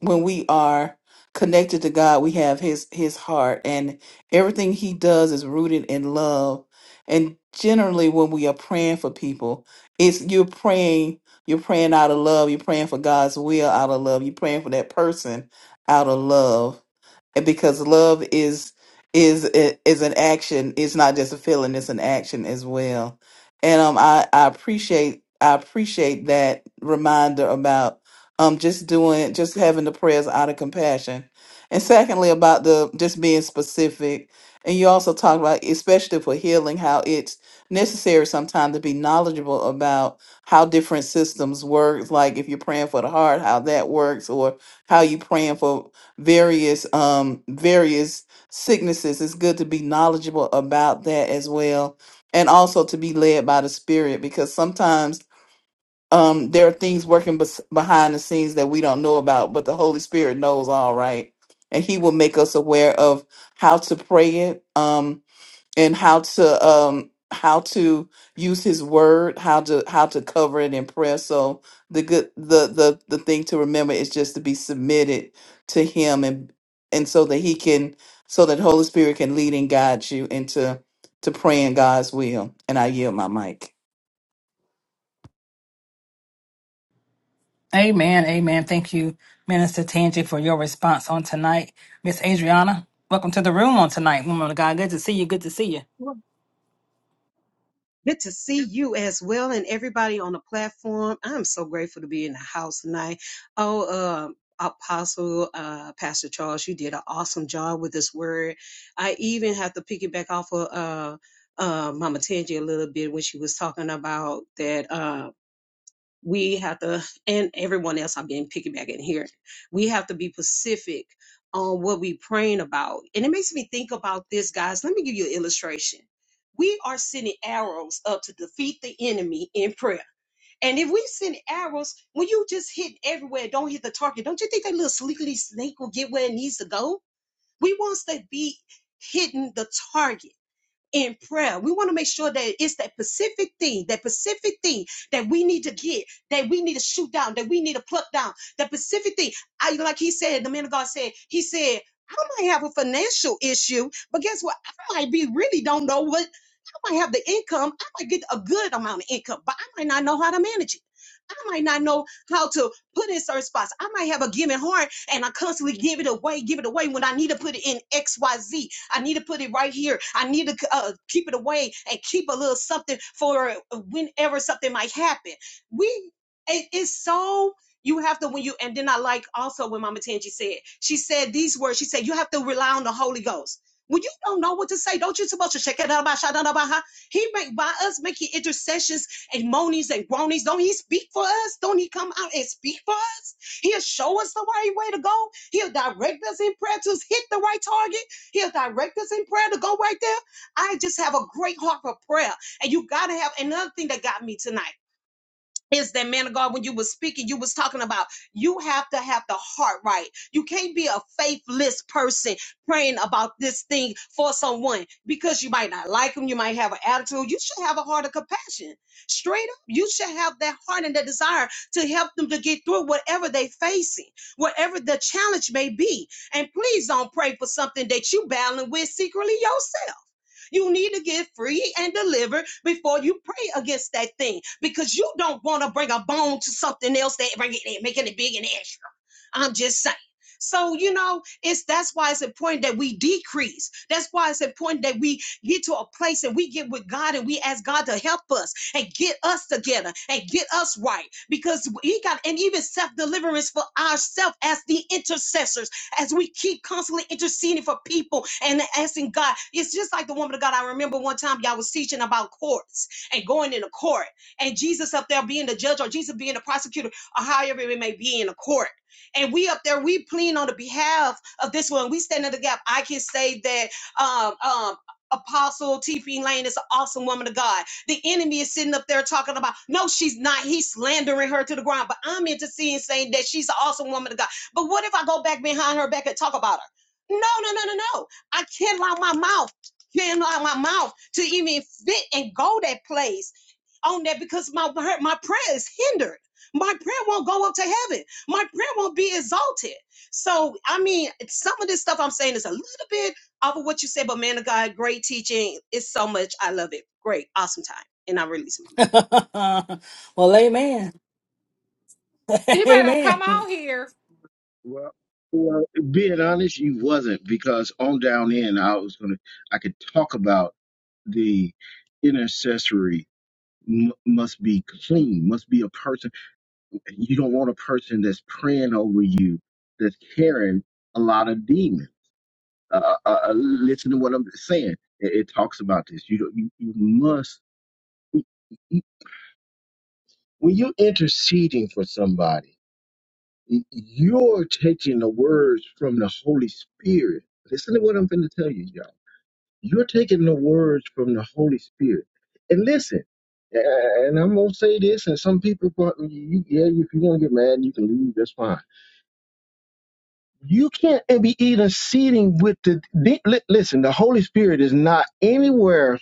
when we are connected to God, we have his his heart and everything he does is rooted in love. And generally when we are praying for people, it's you're praying, you're praying out of love, you're praying for God's will out of love, you're praying for that person out of love. And because love is is is an action, it's not just a feeling, it's an action as well. And um I, I appreciate I appreciate that reminder about um just doing just having the prayers out of compassion and secondly about the just being specific and you also talk about especially for healing how it's necessary sometimes to be knowledgeable about how different systems work like if you're praying for the heart how that works or how you praying for various um various sicknesses it's good to be knowledgeable about that as well and also to be led by the spirit because sometimes um there are things working bes- behind the scenes that we don't know about but the holy spirit knows all right and he will make us aware of how to pray it um and how to um how to use his word how to how to cover it in prayer so the good the the the thing to remember is just to be submitted to him and and so that he can so that holy spirit can lead and guide you into to praying god's will and i yield my mic
Amen, amen. Thank you, Minister Tangi, for your response on tonight. Miss Adriana, welcome to the room on tonight. Woman of God, good to see you. Good to see you.
Well, Good to see you as well and everybody on the platform. I'm so grateful to be in the house tonight. Oh, uh, Apostle uh, Pastor Charles, you did an awesome job with this word. I even have to piggyback off of uh, uh, Mama Tangi a little bit when she was talking about that. Um, we have to and everyone else i'm getting piggyback in here we have to be specific on what we praying about and it makes me think about this guys let me give you an illustration we are sending arrows up to defeat the enemy in prayer and if we send arrows when you just hit everywhere don't hit the target don't you think that little sleekly snake will get where it needs to go we want to be hitting the target in prayer. We want to make sure that it's that specific thing, that specific thing that we need to get, that we need to shoot down, that we need to pluck down, that specific thing. I like he said, the man of God said, he said, I might have a financial issue, but guess what? I might be really don't know what I might have the income. I might get a good amount of income, but I might not know how to manage it. I might not know how to put in certain spots. I might have a given heart and I constantly give it away, give it away when I need to put it in X, Y, Z, I need to put it right here. I need to uh, keep it away and keep a little something for whenever something might happen. We, it- it's so. You have to when you and then I like also when Mama Tangi said she said these words. She said you have to rely on the Holy Ghost. When you don't know what to say, don't you supposed to check it out about He make by us making intercessions and monies and groanies. Don't he speak for us? Don't he come out and speak for us? He'll show us the right way to go. He'll direct us in prayer to hit the right target. He'll direct us in prayer to go right there. I just have a great heart for prayer. And you got to have another thing that got me tonight is that man of God, when you was speaking, you was talking about you have to have the heart right. You can't be a faithless person praying about this thing for someone because you might not like them, you might have an attitude. You should have a heart of compassion. Straight up, you should have that heart and that desire to help them to get through whatever they facing, whatever the challenge may be. And please don't pray for something that you battling with secretly yourself. You need to get free and delivered before you pray against that thing because you don't want to bring a bone to something else that bring it, making it big and extra. I'm just saying. So, you know, it's that's why it's important that we decrease. That's why it's important that we get to a place and we get with God and we ask God to help us and get us together and get us right. Because He got and even self-deliverance for ourselves as the intercessors, as we keep constantly interceding for people and asking God. It's just like the woman of God. I remember one time y'all was teaching about courts and going into court and Jesus up there being the judge or Jesus being the prosecutor or however it may be in a court and we up there, we plead on the behalf of this one. We stand in the gap. I can say that um, um, Apostle T.P. Lane is an awesome woman of God. The enemy is sitting up there talking about, no, she's not. He's slandering her to the ground. But I'm interceding saying that she's an awesome woman of God. But what if I go back behind her back and talk about her? No, no, no, no, no. I can't allow my mouth, can't allow my mouth to even fit and go that place on that because my my prayer is hindered. My prayer won't go up to heaven. My prayer won't be exalted. So I mean, some of this stuff I'm saying is a little bit off of what you said, but man of God, great teaching. It's so much. I love it. Great, awesome time, and I release my mic.
well, amen.
You better come
amen.
on here.
Well, well, being honest, you wasn't because on down in I was gonna I could talk about the intercessory m- must be clean, must be a person. You don't want a person that's praying over you that's carrying a lot of demons. Uh, uh, uh, listen to what I'm saying. It, it talks about this. You don't, you, you must when you're interceding for somebody. You're taking the words from the Holy Spirit. Listen to what I'm going to tell you, y'all. You're taking the words from the Holy Spirit. And listen, uh, and I'm going to say this, and some people, thought, you- yeah, if you want to get mad, you can leave, that's fine. You can't be interceding with the, the- li- listen, the Holy Spirit is not anywhere.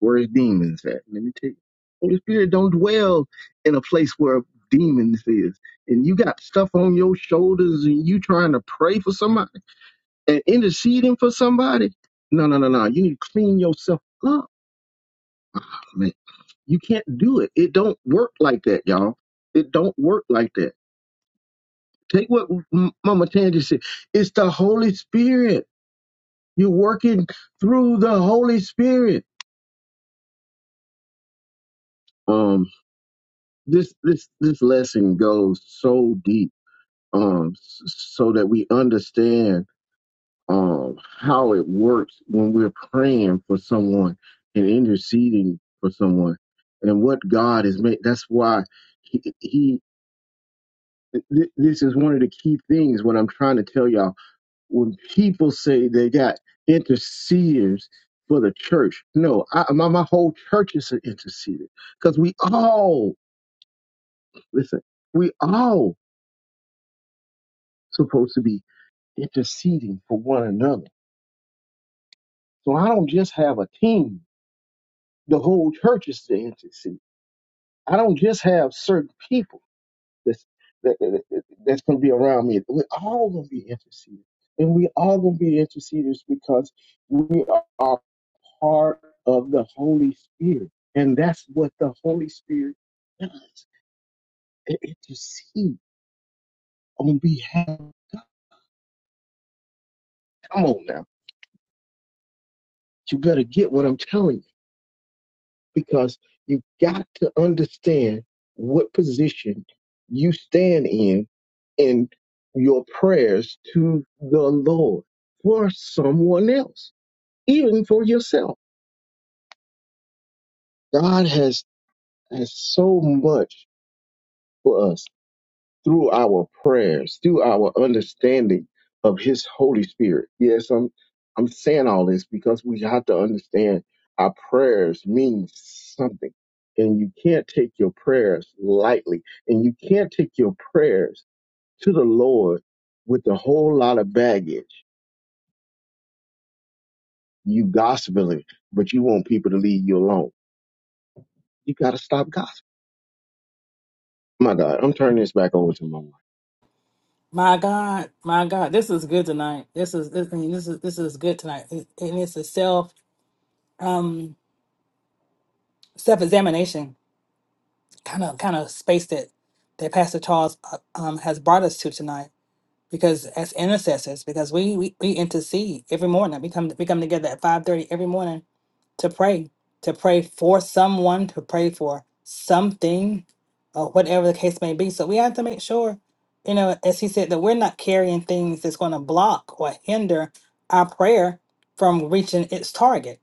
Where's demons at? Let me tell you. Holy Spirit don't dwell in a place where demons is. And you got stuff on your shoulders and you trying to pray for somebody and interceding for somebody. No, no, no, no. You need to clean yourself up, man. You can't do it. It don't work like that, y'all. It don't work like that. Take what M- Mama Tangi said. It's the Holy Spirit. You're working through the Holy Spirit. Um, this this this lesson goes so deep um, s- so that we understand um, how it works when we're praying for someone and interceding for someone and what God is made. That's why he, he th- this is one of the key things what I'm trying to tell y'all. When people say they got interceders for the church, no, I, my, my whole church is an interceder because we all, listen, we all supposed to be interceding for one another So I don't just have a team. The whole church is the entity. I don't just have certain people that's, that, that, that- that's going to be around me. We're all going to be interceders. And we all going to be interceders because we are part of the Holy Spirit. And that's what the Holy Spirit does. It intercedes on behalf of God. Come on now. You better get what I'm telling you because you got to understand what position you stand in in your prayers to the Lord for someone else, even for yourself. God has has so much for us through our prayers, through our understanding of His Holy Spirit. Yes, I'm I'm saying all this because we have to understand our prayers mean something, and you can't take your prayers lightly, and you can't take your prayers to the Lord with a whole lot of baggage. You gospeling, but you want people to leave you alone. You got to stop gossiping. My God, I'm turning this back over to my wife.
My God, my God, this is good tonight. This is this, I mean, this is this is good tonight. It, and it's a self um self examination kind of kind of space that that Pastor Charles uh, um has brought us to tonight. Because as intercessors, because we we, we intercede every morning. We come we come together at five thirty every morning to pray, to pray for someone, to pray for something, or whatever the case may be. So we have to make sure, you know, as he said, that we're not carrying things that's going to block or hinder our prayer from reaching its target.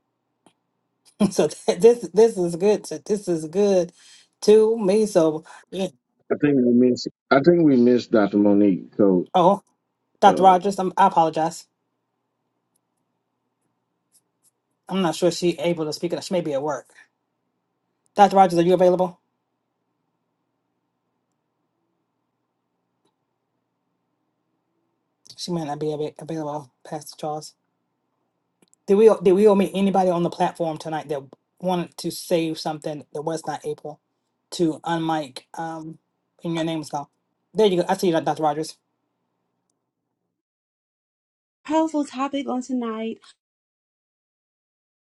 So th- this this is good. So this is good to me. So yeah.
I think we missed. I think we missed Dr. Monique. So.
oh, Dr. Rogers, I'm, I apologize. I'm not sure she able to speak. She may be at work. Dr. Rogers, are you available? She might not be ab- available, Pastor Charles. Did we did we omit anybody on the platform tonight that wanted to say something that was not able to unmic? Um, and your name is gone. There you go. I see you, Dr. Rogers.
powerful topic on tonight.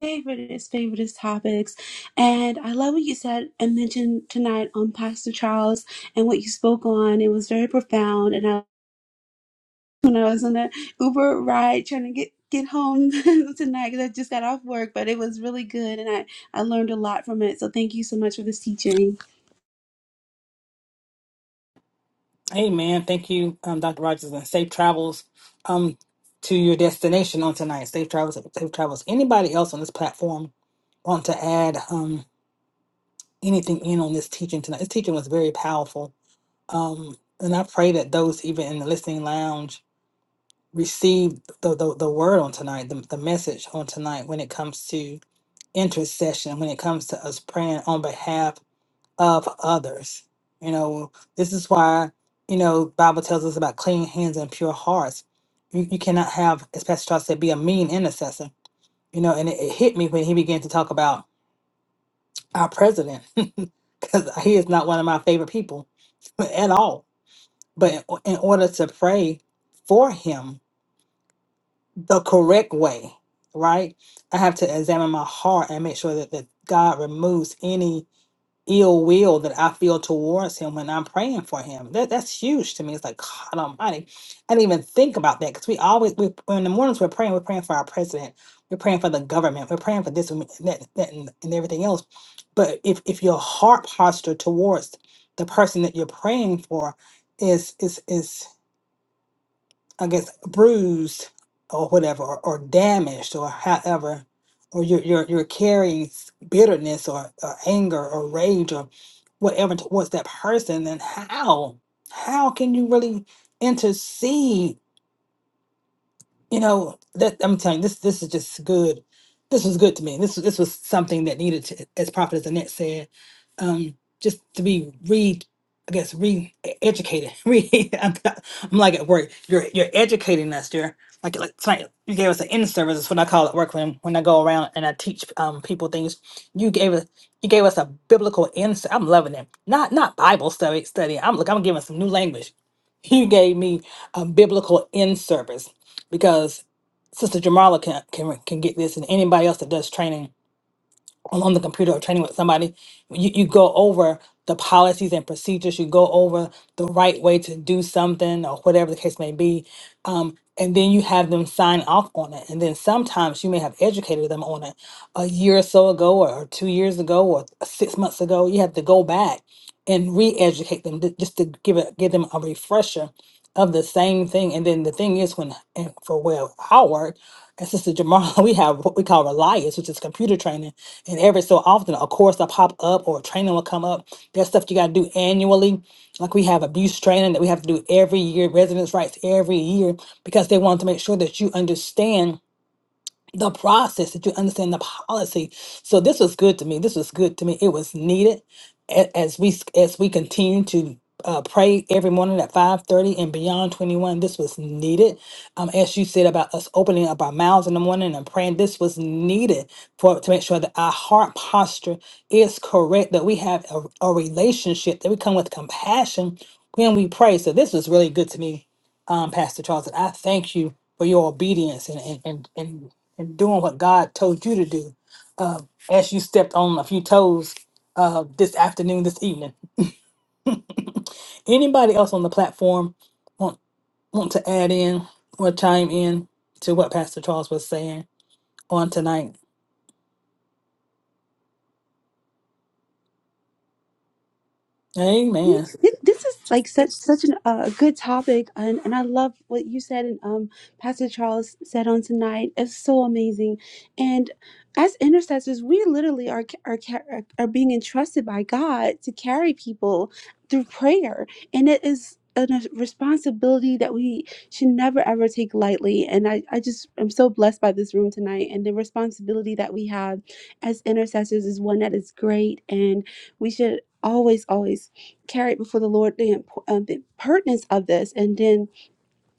Favoriteest, favoriteest topics. And I love what you said and mentioned tonight on Pastor Charles and what you spoke on. It was very profound. And I, when I was on the Uber ride trying to get get home tonight because I just got off work, but it was really good and I, I learned a lot from it. So thank you so much for this teaching.
Hey, man. Thank you, um, Dr. Rogers, and safe travels um to your destination on tonight. Safe travels. Safe travels. Anybody else on this platform want to add? Um, anything in on this teaching tonight. This teaching was very powerful. Um, and I pray that those even in the listening lounge receive the, the, the word on tonight, the, the message on tonight when it comes to intercession, when it comes to us praying on behalf of others. You know, this is why, you know, Bible tells us about clean hands and pure hearts. You, you cannot have, as Pastor Charles said, be a mean intercessor. You know, and it, it hit me when he began to talk about our president because he is not one of my favorite people at all. But in, o- in order to pray for him the correct way, right, I have to examine my heart and make sure that, that God removes any ill will that I feel towards him when I'm praying for him. That that's huge to me. It's like God Almighty. I didn't even think about that because we always we in the mornings we're praying. We're praying for our president. We're praying for the government. We're praying for this and that, that and, and everything else. But if if your heart posture towards the person that you're praying for is is is I guess bruised or whatever or, or damaged or however or you're you're, you're carrying s- bitterness or, or anger or rage or whatever towards that person then how how can you really intercede you know, that I'm telling you, this this is just good. This was good to me. This this was something that needed to, as Prophet as Annette said, um, just to be re, I guess re educated. Re, I'm, I'm like at work. You're you're educating us. You're like like tonight. You gave us an in service. Is what I call it. Work when when I go around and I teach um people things. You gave us you gave us a biblical insight. I'm loving it. Not not Bible study study. I'm look. I'm giving some new language. You gave me a biblical in service because Sister Jamala can, can can get this, and anybody else that does training on the computer or training with somebody, you, you go over the policies and procedures, you go over the right way to do something or whatever the case may be, um, and then you have them sign off on it. And then sometimes you may have educated them on it a year or so ago, or, or two years ago, or six months ago. You have to go back and re-educate them ju- just to give it give them a refresher of the same thing. And then the thing is, when and for where I work, and Sister Jamal, we have what we call Reliance, which is computer training. And every so often, a course will pop up or a training will come up. There's stuff you got to do annually. Like we have abuse training that we have to do every year, residence rights every year, because they want to make sure that you understand the process that you understand the policy so this was good to me this was good to me it was needed a- as we as we continue to uh, pray every morning at 5.30 and beyond 21 this was needed um, as you said about us opening up our mouths in the morning and praying this was needed for to make sure that our heart posture is correct that we have a, a relationship that we come with compassion when we pray so this was really good to me um, pastor charles and i thank you for your obedience and, and, and, and and doing what God told you to do uh, as you stepped on a few toes uh, this afternoon, this evening. Anybody else on the platform want, want to add in or chime in to what Pastor Charles was saying on tonight? Amen.
Th- this is like such such an, uh, a good topic and, and i love what you said and um, pastor charles said on tonight it's so amazing and as intercessors we literally are, ca- are ca- are are being entrusted by god to carry people through prayer and it is a n- responsibility that we should never ever take lightly and I, I just am so blessed by this room tonight and the responsibility that we have as intercessors is one that is great and we should always always carried before the Lord the, impo- uh, the pertinence of this, and then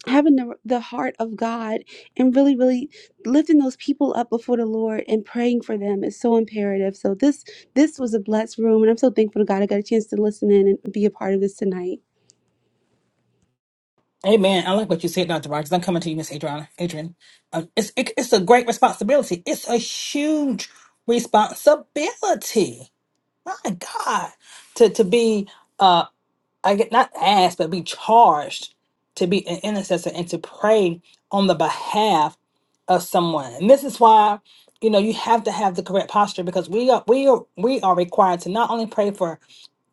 having the, the heart of God and really, really lifting those people up before the Lord and praying for them is so imperative. So this this was a blessed room, and I'm so thankful to God I got a chance to listen in and be a part of this tonight.
Amen. I like what you said, Dr. Rogers. I'm coming to you, Miss Adriana. Adrian, uh, it's, it, it's a great responsibility. It's a huge responsibility. My God, to to be. uh, I get not asked, but be charged to be an intercessor and to pray on the behalf of someone. And this is why, you know, you have to have the correct posture because we are we are we are required to not only pray for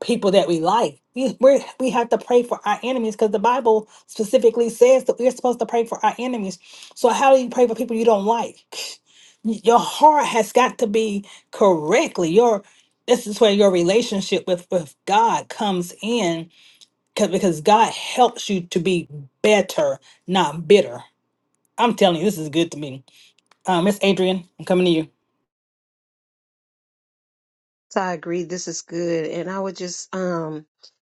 people that we like. We we we have to pray for our enemies because the Bible specifically says that we're supposed to pray for our enemies. So how do you pray for people you don't like? Your heart has got to be correctly. Your this is where your relationship with with God comes in Cause, because God helps you to be better, not bitter. I'm telling you, this is good to me. Um, Miss Adrian, I'm coming to you.
So I agree. This is good. And I was just um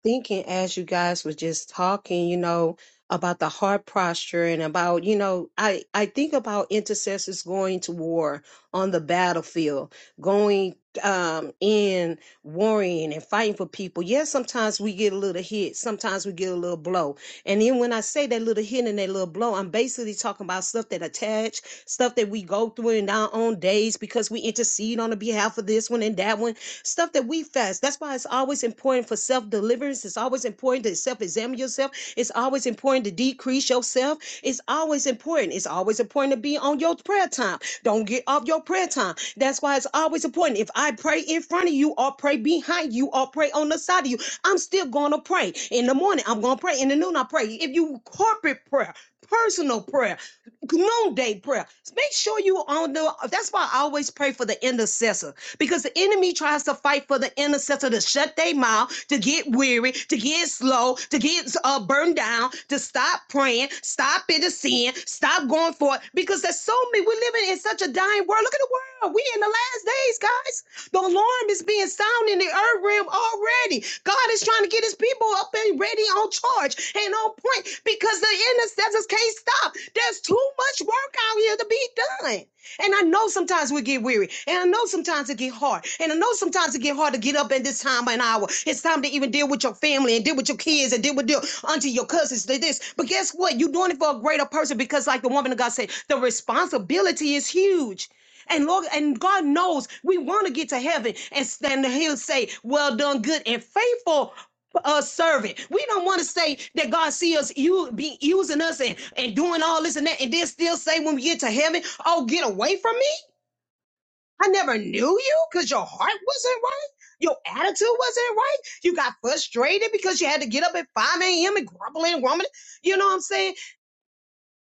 thinking as you guys were just talking, you know, about the heart posture and about, you know, I, I think about intercessors going to war on the battlefield, going um in warring and fighting for people. Yes, sometimes we get a little hit, sometimes we get a little blow. And then when I say that little hit and that little blow, I'm basically talking about stuff that attach, stuff that we go through in our own days because we intercede on the behalf of this one and that one stuff that we fast. That's why it's always important for self deliverance. It's always important to self examine yourself. It's always important to decrease yourself. It's always important. It's always important to be on your prayer time. Don't get off your prayer time. That's why it's always important. If I pray in front of you or pray behind you or pray on the side of you, I'm still going to pray. In the morning, I'm going to pray. In the noon, I pray. If you corporate prayer, personal prayer, noonday prayer, make sure you on the. That's why I always pray for the intercessor because the enemy tries to fight for the intercessor to shut their mouth, to get weary, to get slow, to get uh, burned down, to stop praying, stop interceding, stop going for it. Because there's so many, we're living in such a dying world. Look at the world. We in the last days, guys. The alarm is being sounded in the earth realm already. God is trying to get his people up and ready on charge and on point because the intercessors can't stop. There's too much work out here to be done. And I know sometimes we get weary. And I know sometimes it get hard. And I know sometimes it get hard to get up at this time of an hour. It's time to even deal with your family and deal with your kids and deal with deal unto your cousins to this. But guess what? You're doing it for a greater person because, like the woman of God said, the responsibility is huge. And Lord, and God knows we want to get to heaven and stand. He'll say, "Well done, good and faithful a servant. We don't want to say that God see us you be using us and, and doing all this and that, and then still say when we get to heaven, oh, get away from me. I never knew you because your heart wasn't right. Your attitude wasn't right. You got frustrated because you had to get up at 5 a.m. and grumbling and grumbling. You know what I'm saying?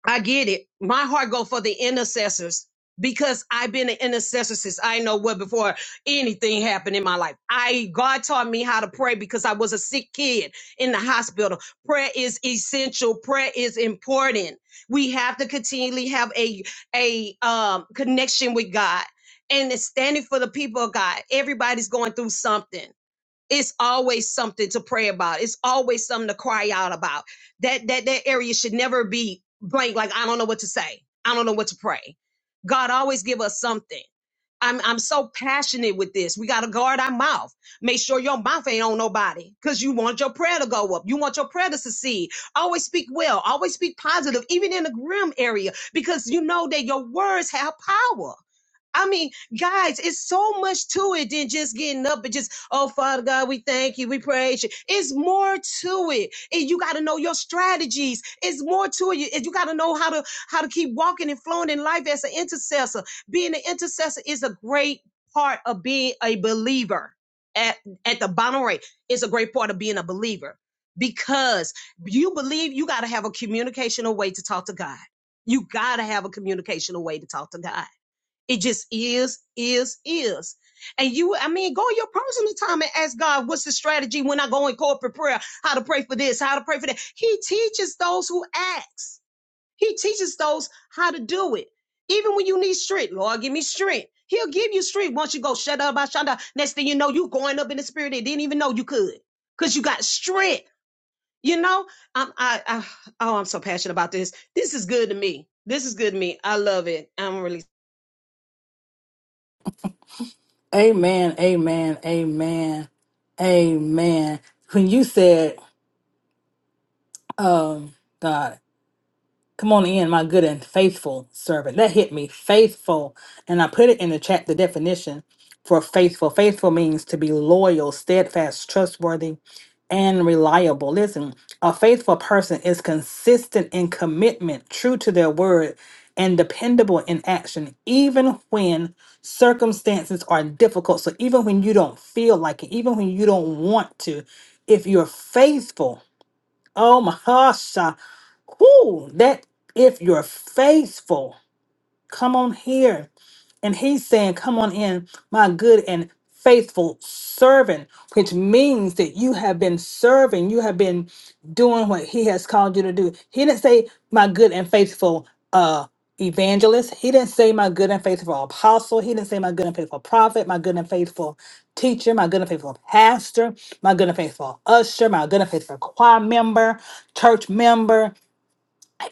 I get it. My heart go for the intercessors because I've been an intercessor since I know what before anything happened in my life. I God taught me how to pray because I was a sick kid in the hospital. Prayer is essential. Prayer is important. We have to continually have a a um, connection with God and it's standing for the people of God. Everybody's going through something it's always something to pray about. It's always something to cry out about. That that that area should never be blank. Like I don't know what to say. I don't know what to pray. God always give us something. I'm I'm so passionate with this. We gotta guard our mouth. Make sure your mouth ain't on nobody. Cause you want your prayer to go up. You want your prayer to succeed. Always speak well. Always speak positive, even in the grim area, because you know that your words have power. I mean, guys, it's so much to it than just getting up and just, oh, Father God, we thank you, we praise you. It's more to it. And you got to know your strategies. It's more to it. You got to know how to how to keep walking and flowing in life as an intercessor. Being an intercessor is a great part of being a believer. At, at the bottom rate, it's a great part of being a believer because you believe you got to have a communicational way to talk to God. You got to have a communicational way to talk to God. It just is, is, is. And you, I mean, go in your personal time and ask God, what's the strategy when I go in corporate prayer? How to pray for this, how to pray for that. He teaches those who ask. He teaches those how to do it. Even when you need strength, Lord, give me strength. He'll give you strength once you go shut up, I shut up. Next thing you know, you going up in the spirit and didn't even know you could, cause you got strength. You know, I'm I, I oh, I'm so passionate about this. This is good to me. This is good to me. I love it. I'm really
Amen, amen, amen, amen. When you said, um, God, Come on in, my good and faithful servant. That hit me, faithful. And I put it in the chat, the definition for faithful. Faithful means to be loyal, steadfast, trustworthy, and reliable. Listen, a faithful person is consistent in commitment, true to their word, and dependable in action, even when circumstances are difficult. So, even when you don't feel like it, even when you don't want to, if you're faithful, Oh my gosh. uh, Whoo, that if you're faithful, Come on here. And he's saying, Come on in, my good and faithful servant, which means that you have been serving, you have been doing what he has called you to do. He didn't say, My good and faithful uh evangelist. He didn't say my good and faithful apostle. He didn't say my good and faithful prophet, my good and faithful teacher, my good and faithful pastor, my good and faithful usher, my good and faithful choir member, church member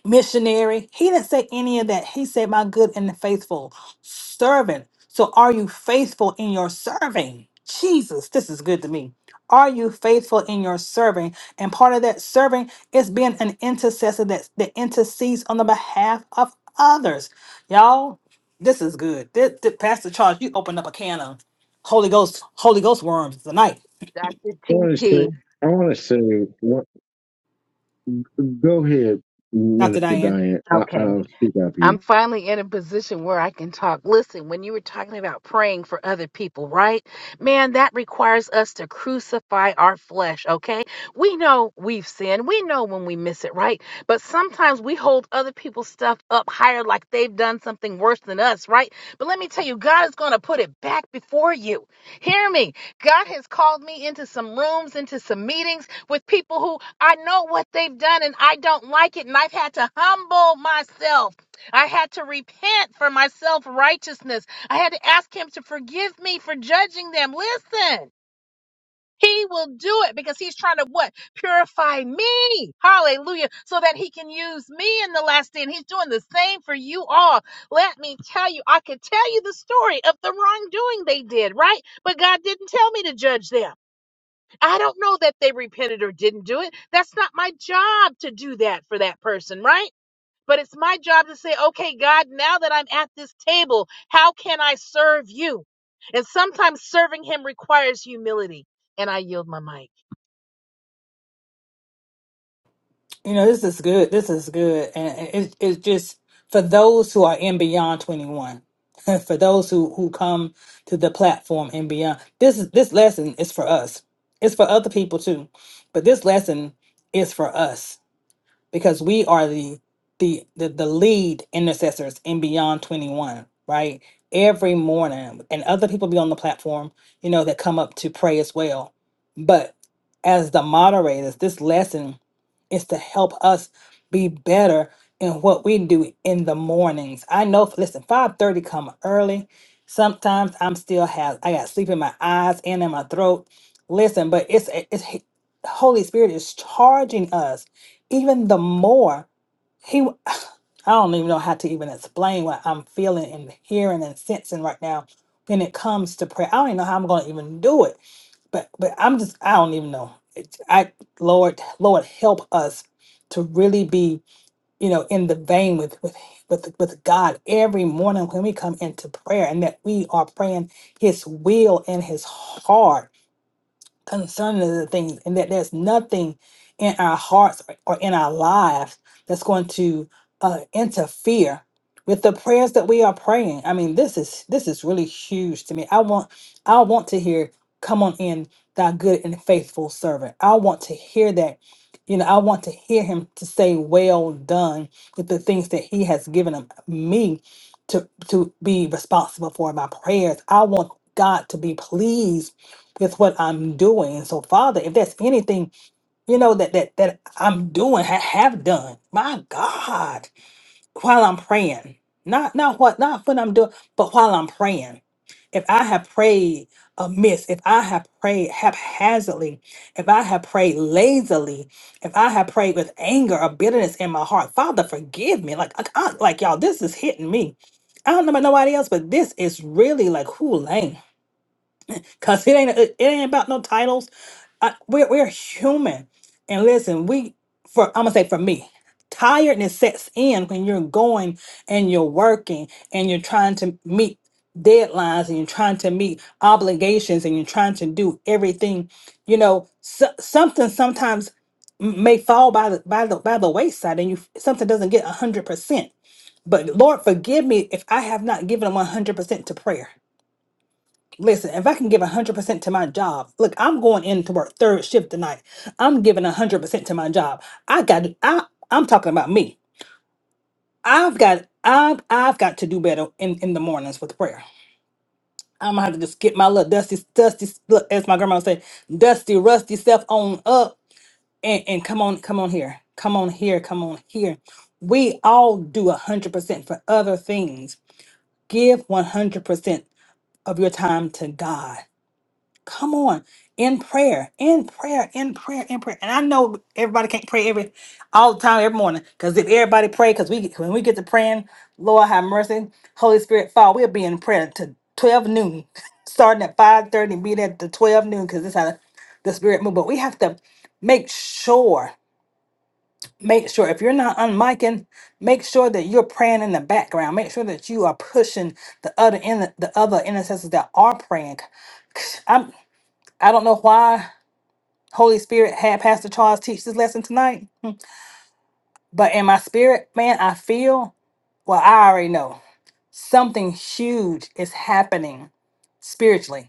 missionary. He didn't say any of that. He said, My good and faithful servant. So are you faithful in your serving? Jesus, this is good to me. Are you faithful in your serving? And part of that serving is being an intercessor that, that intercedes on the behalf of others. Y'all, this is good. This, this Pastor Charles, you opened up a can of Holy Ghost, Holy Ghost worms tonight,
Dr.
want to say,
TP.
I want to say, what, go ahead,
Dr.
Minister
Diane.
Diane. I,
Okay.
I'll speak after
I'm
you.
finally in a position where I can talk. Listen, when you were talking about praying for other people, right? Man, that requires us to crucify our flesh, okay? We know we've sinned. We know when we miss it, right? But sometimes we hold other people's stuff up higher like they've done something worse than us, right? But let me tell you, God is going to put it back before you. Hear me. God has called me into some rooms, into some meetings with people who I know what they've done and I don't like it, and I've had to humble myself I had to repent for my self righteousness. I had to ask him to forgive me for judging them. Listen, he will do it because he's trying to what? Purify me. Hallelujah. So that he can use me in the last day. And he's doing the same for you all. Let me tell you, I could tell you the story of the wrongdoing they did, right? But God didn't tell me to judge them. I don't know that they repented or didn't do it. That's not my job to do that for that person, right? But it's my job to say, okay, God, now that I'm at this table, how can I serve you? And sometimes serving Him requires humility. And I yield my mic.
You know, this is good. This is good. And it, it's just for those who are in beyond 21, for those who, who come to the platform and beyond, this is, this lesson is for us. It's for other people too, but this lesson is for us because we are the the the, the lead intercessors in beyond 21 right every morning and other people be on the platform you know that come up to pray as well but as the moderators this lesson is to help us be better in what we do in the mornings i know listen 5.30 come early sometimes i'm still have i got sleep in my eyes and in my throat listen but it's it's holy spirit is charging us even the more he w- i don't even know how to even explain what i'm feeling and hearing and sensing right now when it comes to prayer i don't even know how i'm going to even do it but but i'm just i don't even know It's- i lord lord help us to really be you know in the vein with with with, with god every morning when we come into prayer and that we are praying his will and his heart concerning the things and that there's nothing in our hearts or or in our lives that's going to uh, interfere with the prayers that we are praying i mean this is this is really huge to me i want i want to hear come on in thy good and faithful servant i want to hear that you know i want to hear him to say well done with the things that he has given him, me to to be responsible for my prayers i want god to be pleased with what I'm doing. And so, Father, if there's anything, you know, that that that I'm doing, ha- have done, my God, while I'm praying. Not not what not what I'm doing, but while I'm praying. If I have prayed amiss, if I have prayed haphazardly, if I have prayed lazily, if I have prayed with anger or bitterness in my heart, Father, forgive me. Like, like, I- like y'all, this is hitting me. I don't know about nobody else, but this is really like, who lame? Cause it ain't it ain't about no titles. I, we're we're human, and listen, we for I'm gonna say for me, tiredness sets in when you're going and you're working and you're trying to meet deadlines and you're trying to meet obligations and you're trying to do everything. You know, so, something sometimes m- may fall by the by the by the wayside, and you something doesn't get a hundred percent. But Lord, forgive me if I have not given one hundred percent to prayer. Listen, if I can give 100% to my job, look, I'm going in to work third shift tonight. I'm giving 100% to my job. I got I I'm talking about me. I've got I've I've got to do better in in the mornings with prayer. I'm gonna have to just get my little dusty dusty look as my grandma would say, dusty rusty self on up and and come on come on here. Come on here, come on here. We all do 100% for other things. Give 100% of your time to God Come on, in prayer, in prayer, in prayer, in prayer. And I know everybody can't pray every all the time, every morning. Because if everybody pray, because we when we get to praying, Lord have mercy, Holy Spirit fall, we'll be in prayer to twelve noon, starting at five thirty, being at the twelve noon, because this how the, the Spirit move. But we have to make sure, make sure if you're not unmiking, make sure that you're praying in the background. Make sure that you are pushing the other in the other intercessors that are praying. I'm I don't know why Holy Spirit had Pastor Charles teach this lesson tonight, but in my spirit, man, I feel, well, I already know something huge is happening spiritually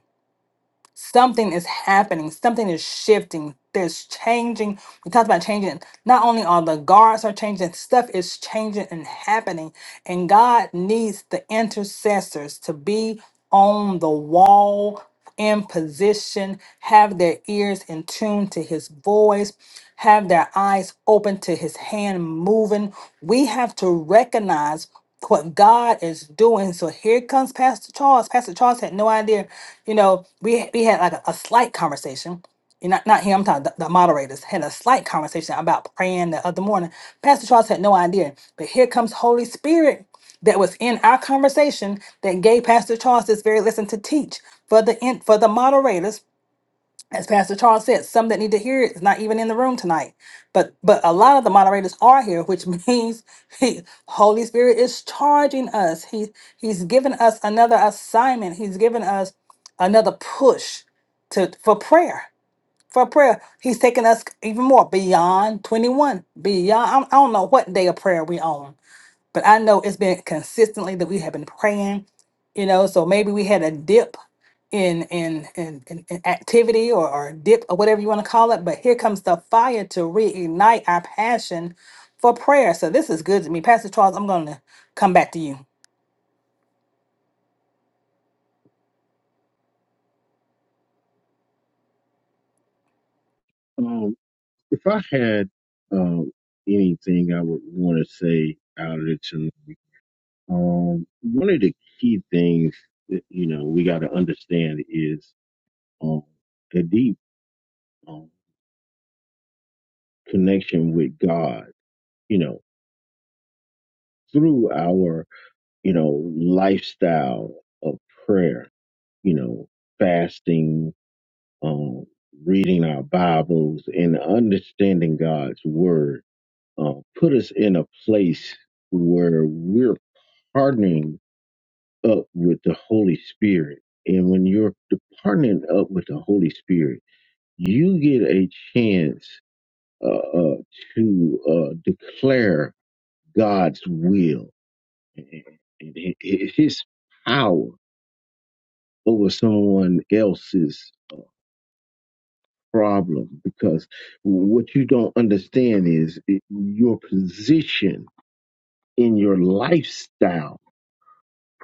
Something is happening. Something is shifting. There's changing. We talked about changing. Not only are the guards are changing, stuff is changing and happening. And God needs the intercessors to be on the wall in position, have their ears in tune to his voice, have their eyes open to his hand moving. We have to recognize what God is doing. So here comes Pastor Charles. Pastor Charles had no idea. You know, we we had like a, a slight conversation. And Not not him. I'm talking the, the moderators had a slight conversation about praying the other morning. Pastor Charles had no idea, but here comes Holy Spirit that was in our conversation that gave Pastor Charles this very lesson to teach for the in, for the moderators as Pastor Charles said, some that need to hear it is not even in the room tonight. But but a lot of the moderators are here, which means he, Holy Spirit is charging us. He he's given us another assignment. He's given us another push to for prayer. For prayer, he's taking us even more beyond 21, beyond I don't I don't know what day of prayer we on but I know it's been consistently that we have been praying, you know, so maybe we had a dip in in in, in, in activity or, or dip or whatever you want to call it. But here comes the fire to reignite our passion for prayer. So this is good to me. Pastor Charles, I'm gonna come back to you.
Um, if I had um, anything I would want to say out of it tonight, um, one of the key things that you know we got to understand is um, a deep um, connection with God. You know, through our you know lifestyle of prayer. You know, fasting. um, reading our Bibles and understanding God's word uh, put us in a place where we're partnering up with the Holy Spirit. And when you're partnering up with the Holy Spirit, you get a chance uh, uh, to uh, declare God's will and and his power over someone else's problem because what you don't understand is it, your position in your lifestyle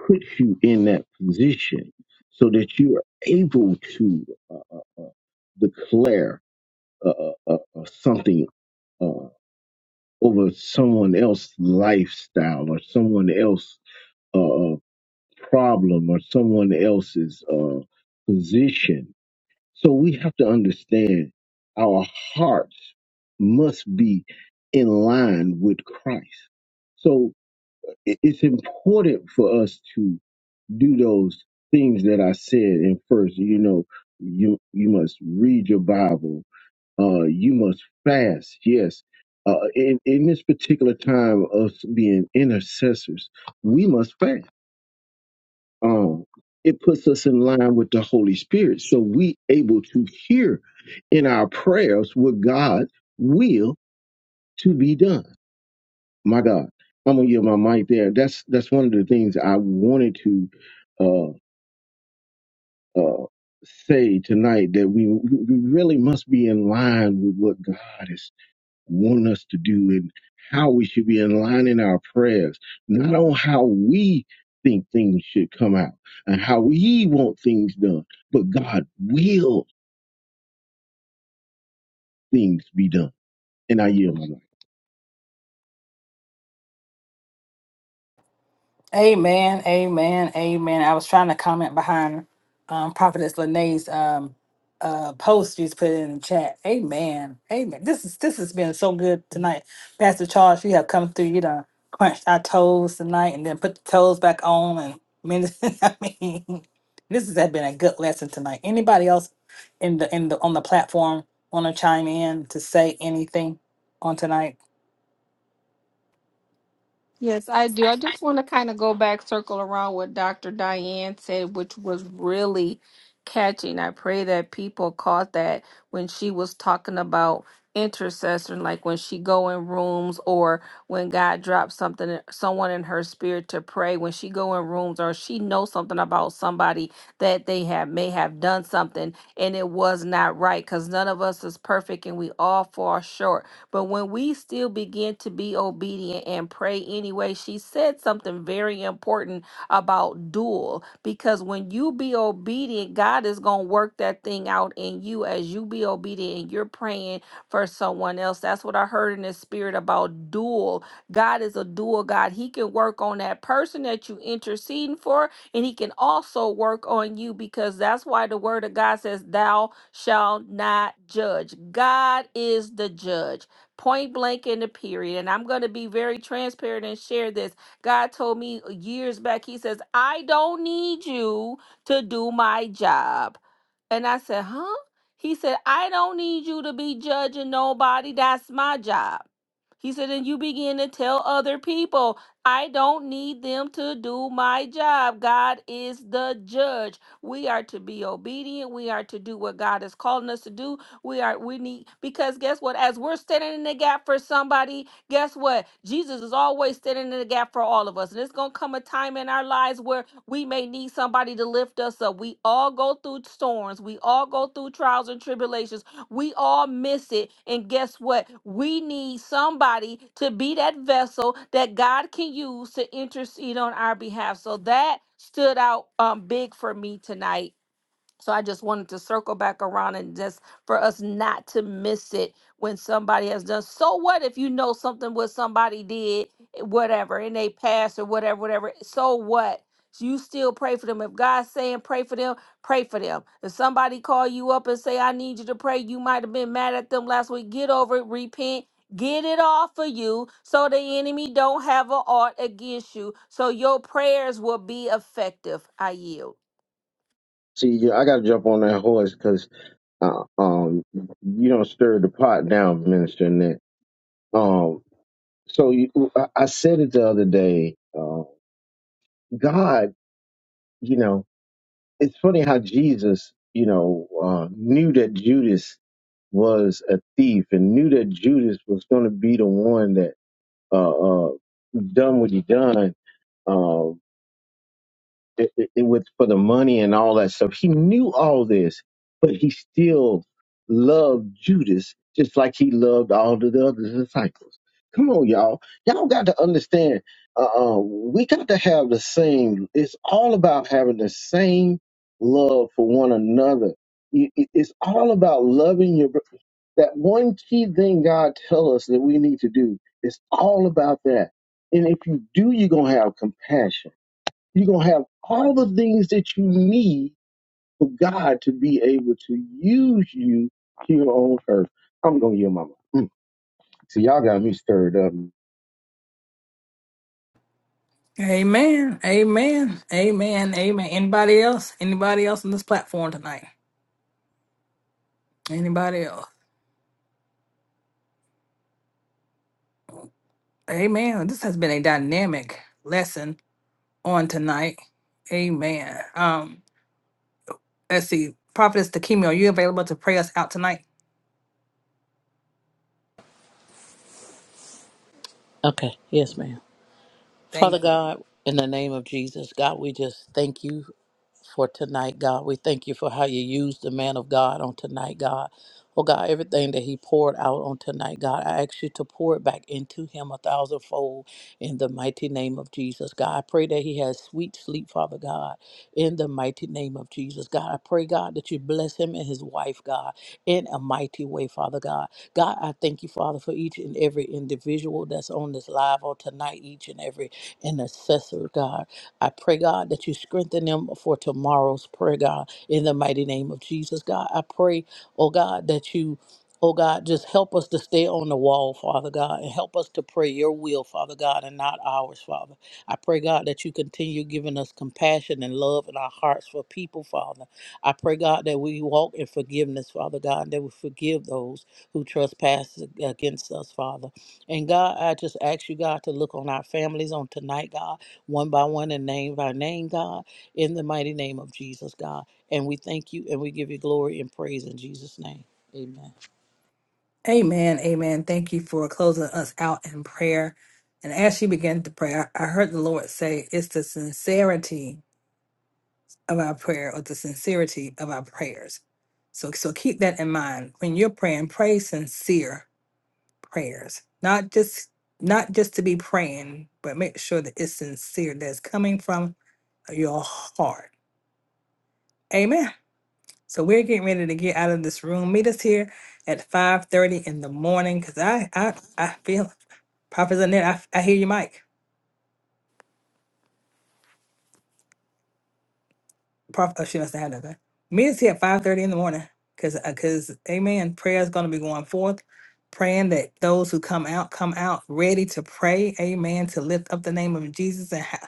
puts you in that position so that you are able to uh, uh, uh, declare uh, uh, uh, uh, something uh, over someone else's lifestyle or someone else's uh, uh, problem or someone else's uh, position So we have to understand our hearts must be in line with Christ. So i- it's important for us to do those things that I said in first. You know, you you must read your Bible. Uh, you must fast. Yes. Uh, in, in this particular time of being intercessors, we must fast um, it puts us in line with the Holy Spirit. So we able to hear in our prayers what God's will to be done. My God, I'm gonna give my mic there. That's that's one of the things I wanted to uh, uh, say tonight that we we really must be in line with what God is. want us to do and how we should be in line in our prayers, not on how we think things should come out and how we want things done, but God will things be done. And I yield my life.
Amen, amen, amen. I was trying to comment behind um, Prophetess Lene's um, uh, post. She's put it in the chat. Amen, amen. This is this has been so good tonight, Pastor Charles. You have come through. You done crunched our toes tonight, and then put the toes back on. And min- I mean, this has been a good lesson tonight. Anybody else in the in the on the platform want to chime in to say anything on tonight?
Yes, I do. I just want to kind of go back, circle around what Dr. Diane said, which was really catching. I pray that people caught that when she was talking about intercession, like when she go in rooms or when God drops something, in- someone in her spirit to pray, when she go in rooms or she knows something about somebody that they have may have done something and it was not right because none of us is perfect and we all fall short but when we still begin to be obedient and pray anyway, she said something very important about dual because when you be obedient, God is going to work that thing out in you as you be obedient and you're praying for someone else. That's what I heard in the spirit about dual. God is a dual God. He can work on that person that you interceding for and he can also work on you because that's why the word of God says, Thou shalt not judge. God is the judge point blank in the period. And I'm going to be very transparent and share this. God told me years back, He says, I don't need you to do my job. And I said, Huh? He said, I don't need you to be judging nobody. That's my job. He said, and you begin to tell other people, I don't need them to do my job. God is the judge. We are to be obedient. We are to do what God is calling us to do we are we need because guess what? As we're standing in the gap for somebody, guess what? Jesus is always standing in the gap for all of us. And it's gonna come a time in our lives where we may need somebody to lift us up. We all go through storms, we all go through trials and tribulations, we all miss it. And guess what? We need somebody to be that vessel that God can use to intercede on our behalf. So that stood out um big for me tonight so I just wanted to circle back around and just for us not to miss it when somebody has done. So what if you know something what somebody did, eh, whatever, in they past or whatever, whatever. So what? So, You still pray for them. If God's saying pray for them, pray for them. If somebody call you up and say, I need you to pray, you might have been mad at them last week. Get over it, repent. Get it off of you so the enemy don't have a art against you. So your prayers will be effective. I yield.
See, yeah, I got to jump on that horse because uh, um, you don't stir the pot down, Minister Nick. Um, so you, I I said it the other day. Uh, God, you know. it's funny how Jesus, you know, uh, knew that Judas was a thief and knew that Judas was going to be the one that uh, uh, done what he done. Uh, it, it, it was for the money and all that stuff. He knew all this, but he still loved Judas just like he loved all of the other disciples. Come on, y'all. Y'all got to understand. Uh, uh, we got to have the same. It's all about having the same love for one another. You- it- It's all about loving your. bro- That one key thing God tells us that we need to do. It's all about that. And if you do, you're gonna have compassion you're going to have all the things that you need for God to be able to use you here on earth. I'm going to yield my mind. Mm. See, y'all got me stirred up.
Amen. Amen. Amen. Amen. Anybody else? Anybody else on this platform tonight? Anybody else? Amen. This has been a dynamic lesson on tonight. Amen. Um, let's see. Prophetess Takimi, are you available to pray us out tonight?
Okay. Yes, ma'am. Father
Thank you.
God, in the name of Jesus, God, we just thank you for tonight, God. We thank you for how you used the man of God on tonight, God. Oh, God, everything that he poured out on tonight, God, I ask you to pour it back into him a thousandfold in the mighty name of Jesus, God. I pray that he has sweet sleep, Father God, in the mighty name of Jesus, God. I pray, God, that you bless him and his wife, God, in a mighty way, Father God. God, I thank you, Father, for each and every individual that's on this live on tonight, each and every intercessor, God. I pray, God, that you strengthen them for tomorrow's prayer, God, in the mighty name of Jesus, God. I pray, oh God, that you. Oh God, just help us to stay on the wall, Father God, and help us to pray your will, Father God, and not ours, Father. I pray, God, that you continue giving us compassion and love in our hearts for people, Father. I pray, God, that we walk in forgiveness, Father God, and that we forgive those who trespass against us, Father. And God, I just ask you, God, to look on our families on tonight, God one by one and name by name, God, in the mighty name of Jesus, God. And we thank you and we give you glory and praise in Jesus' name. Amen.
Amen. Amen. Thank you for closing us out in prayer. And as she began to pray, I I heard the Lord say, It's the sincerity of our prayer or the sincerity of our prayers. So, so keep that in mind when you're praying. Pray sincere prayers, not just not just to be praying, but make sure that it's sincere. That's coming from your heart. Amen. So we're getting ready to get out of this room. Meet us here at five thirty in the morning, cause I I I feel Prophet Annette, I, I hear you, Mike. Prof, oh, she must have had that. okay. Meetings here at five thirty in the morning, cause, uh, cause, amen. Prayer is gonna be going forth, praying that those who come out come out ready to pray, amen, to lift up the name of Jesus and ho-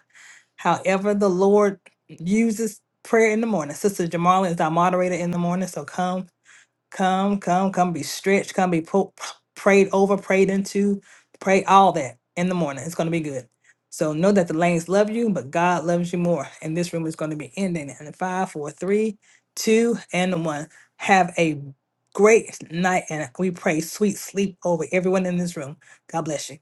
however the Lord uses prayer in the morning. Sister Jamarla is our moderator in the morning, so come. Come, come, come be stretched, come be po- prayed over, prayed into, pray all that in the morning. It's going to be good. So know that the lanes love you, but God loves you more. And this room is going to be ending in five, four, three, two, and one. Have a great night, and we pray sweet sleep over everyone in this room. God bless you.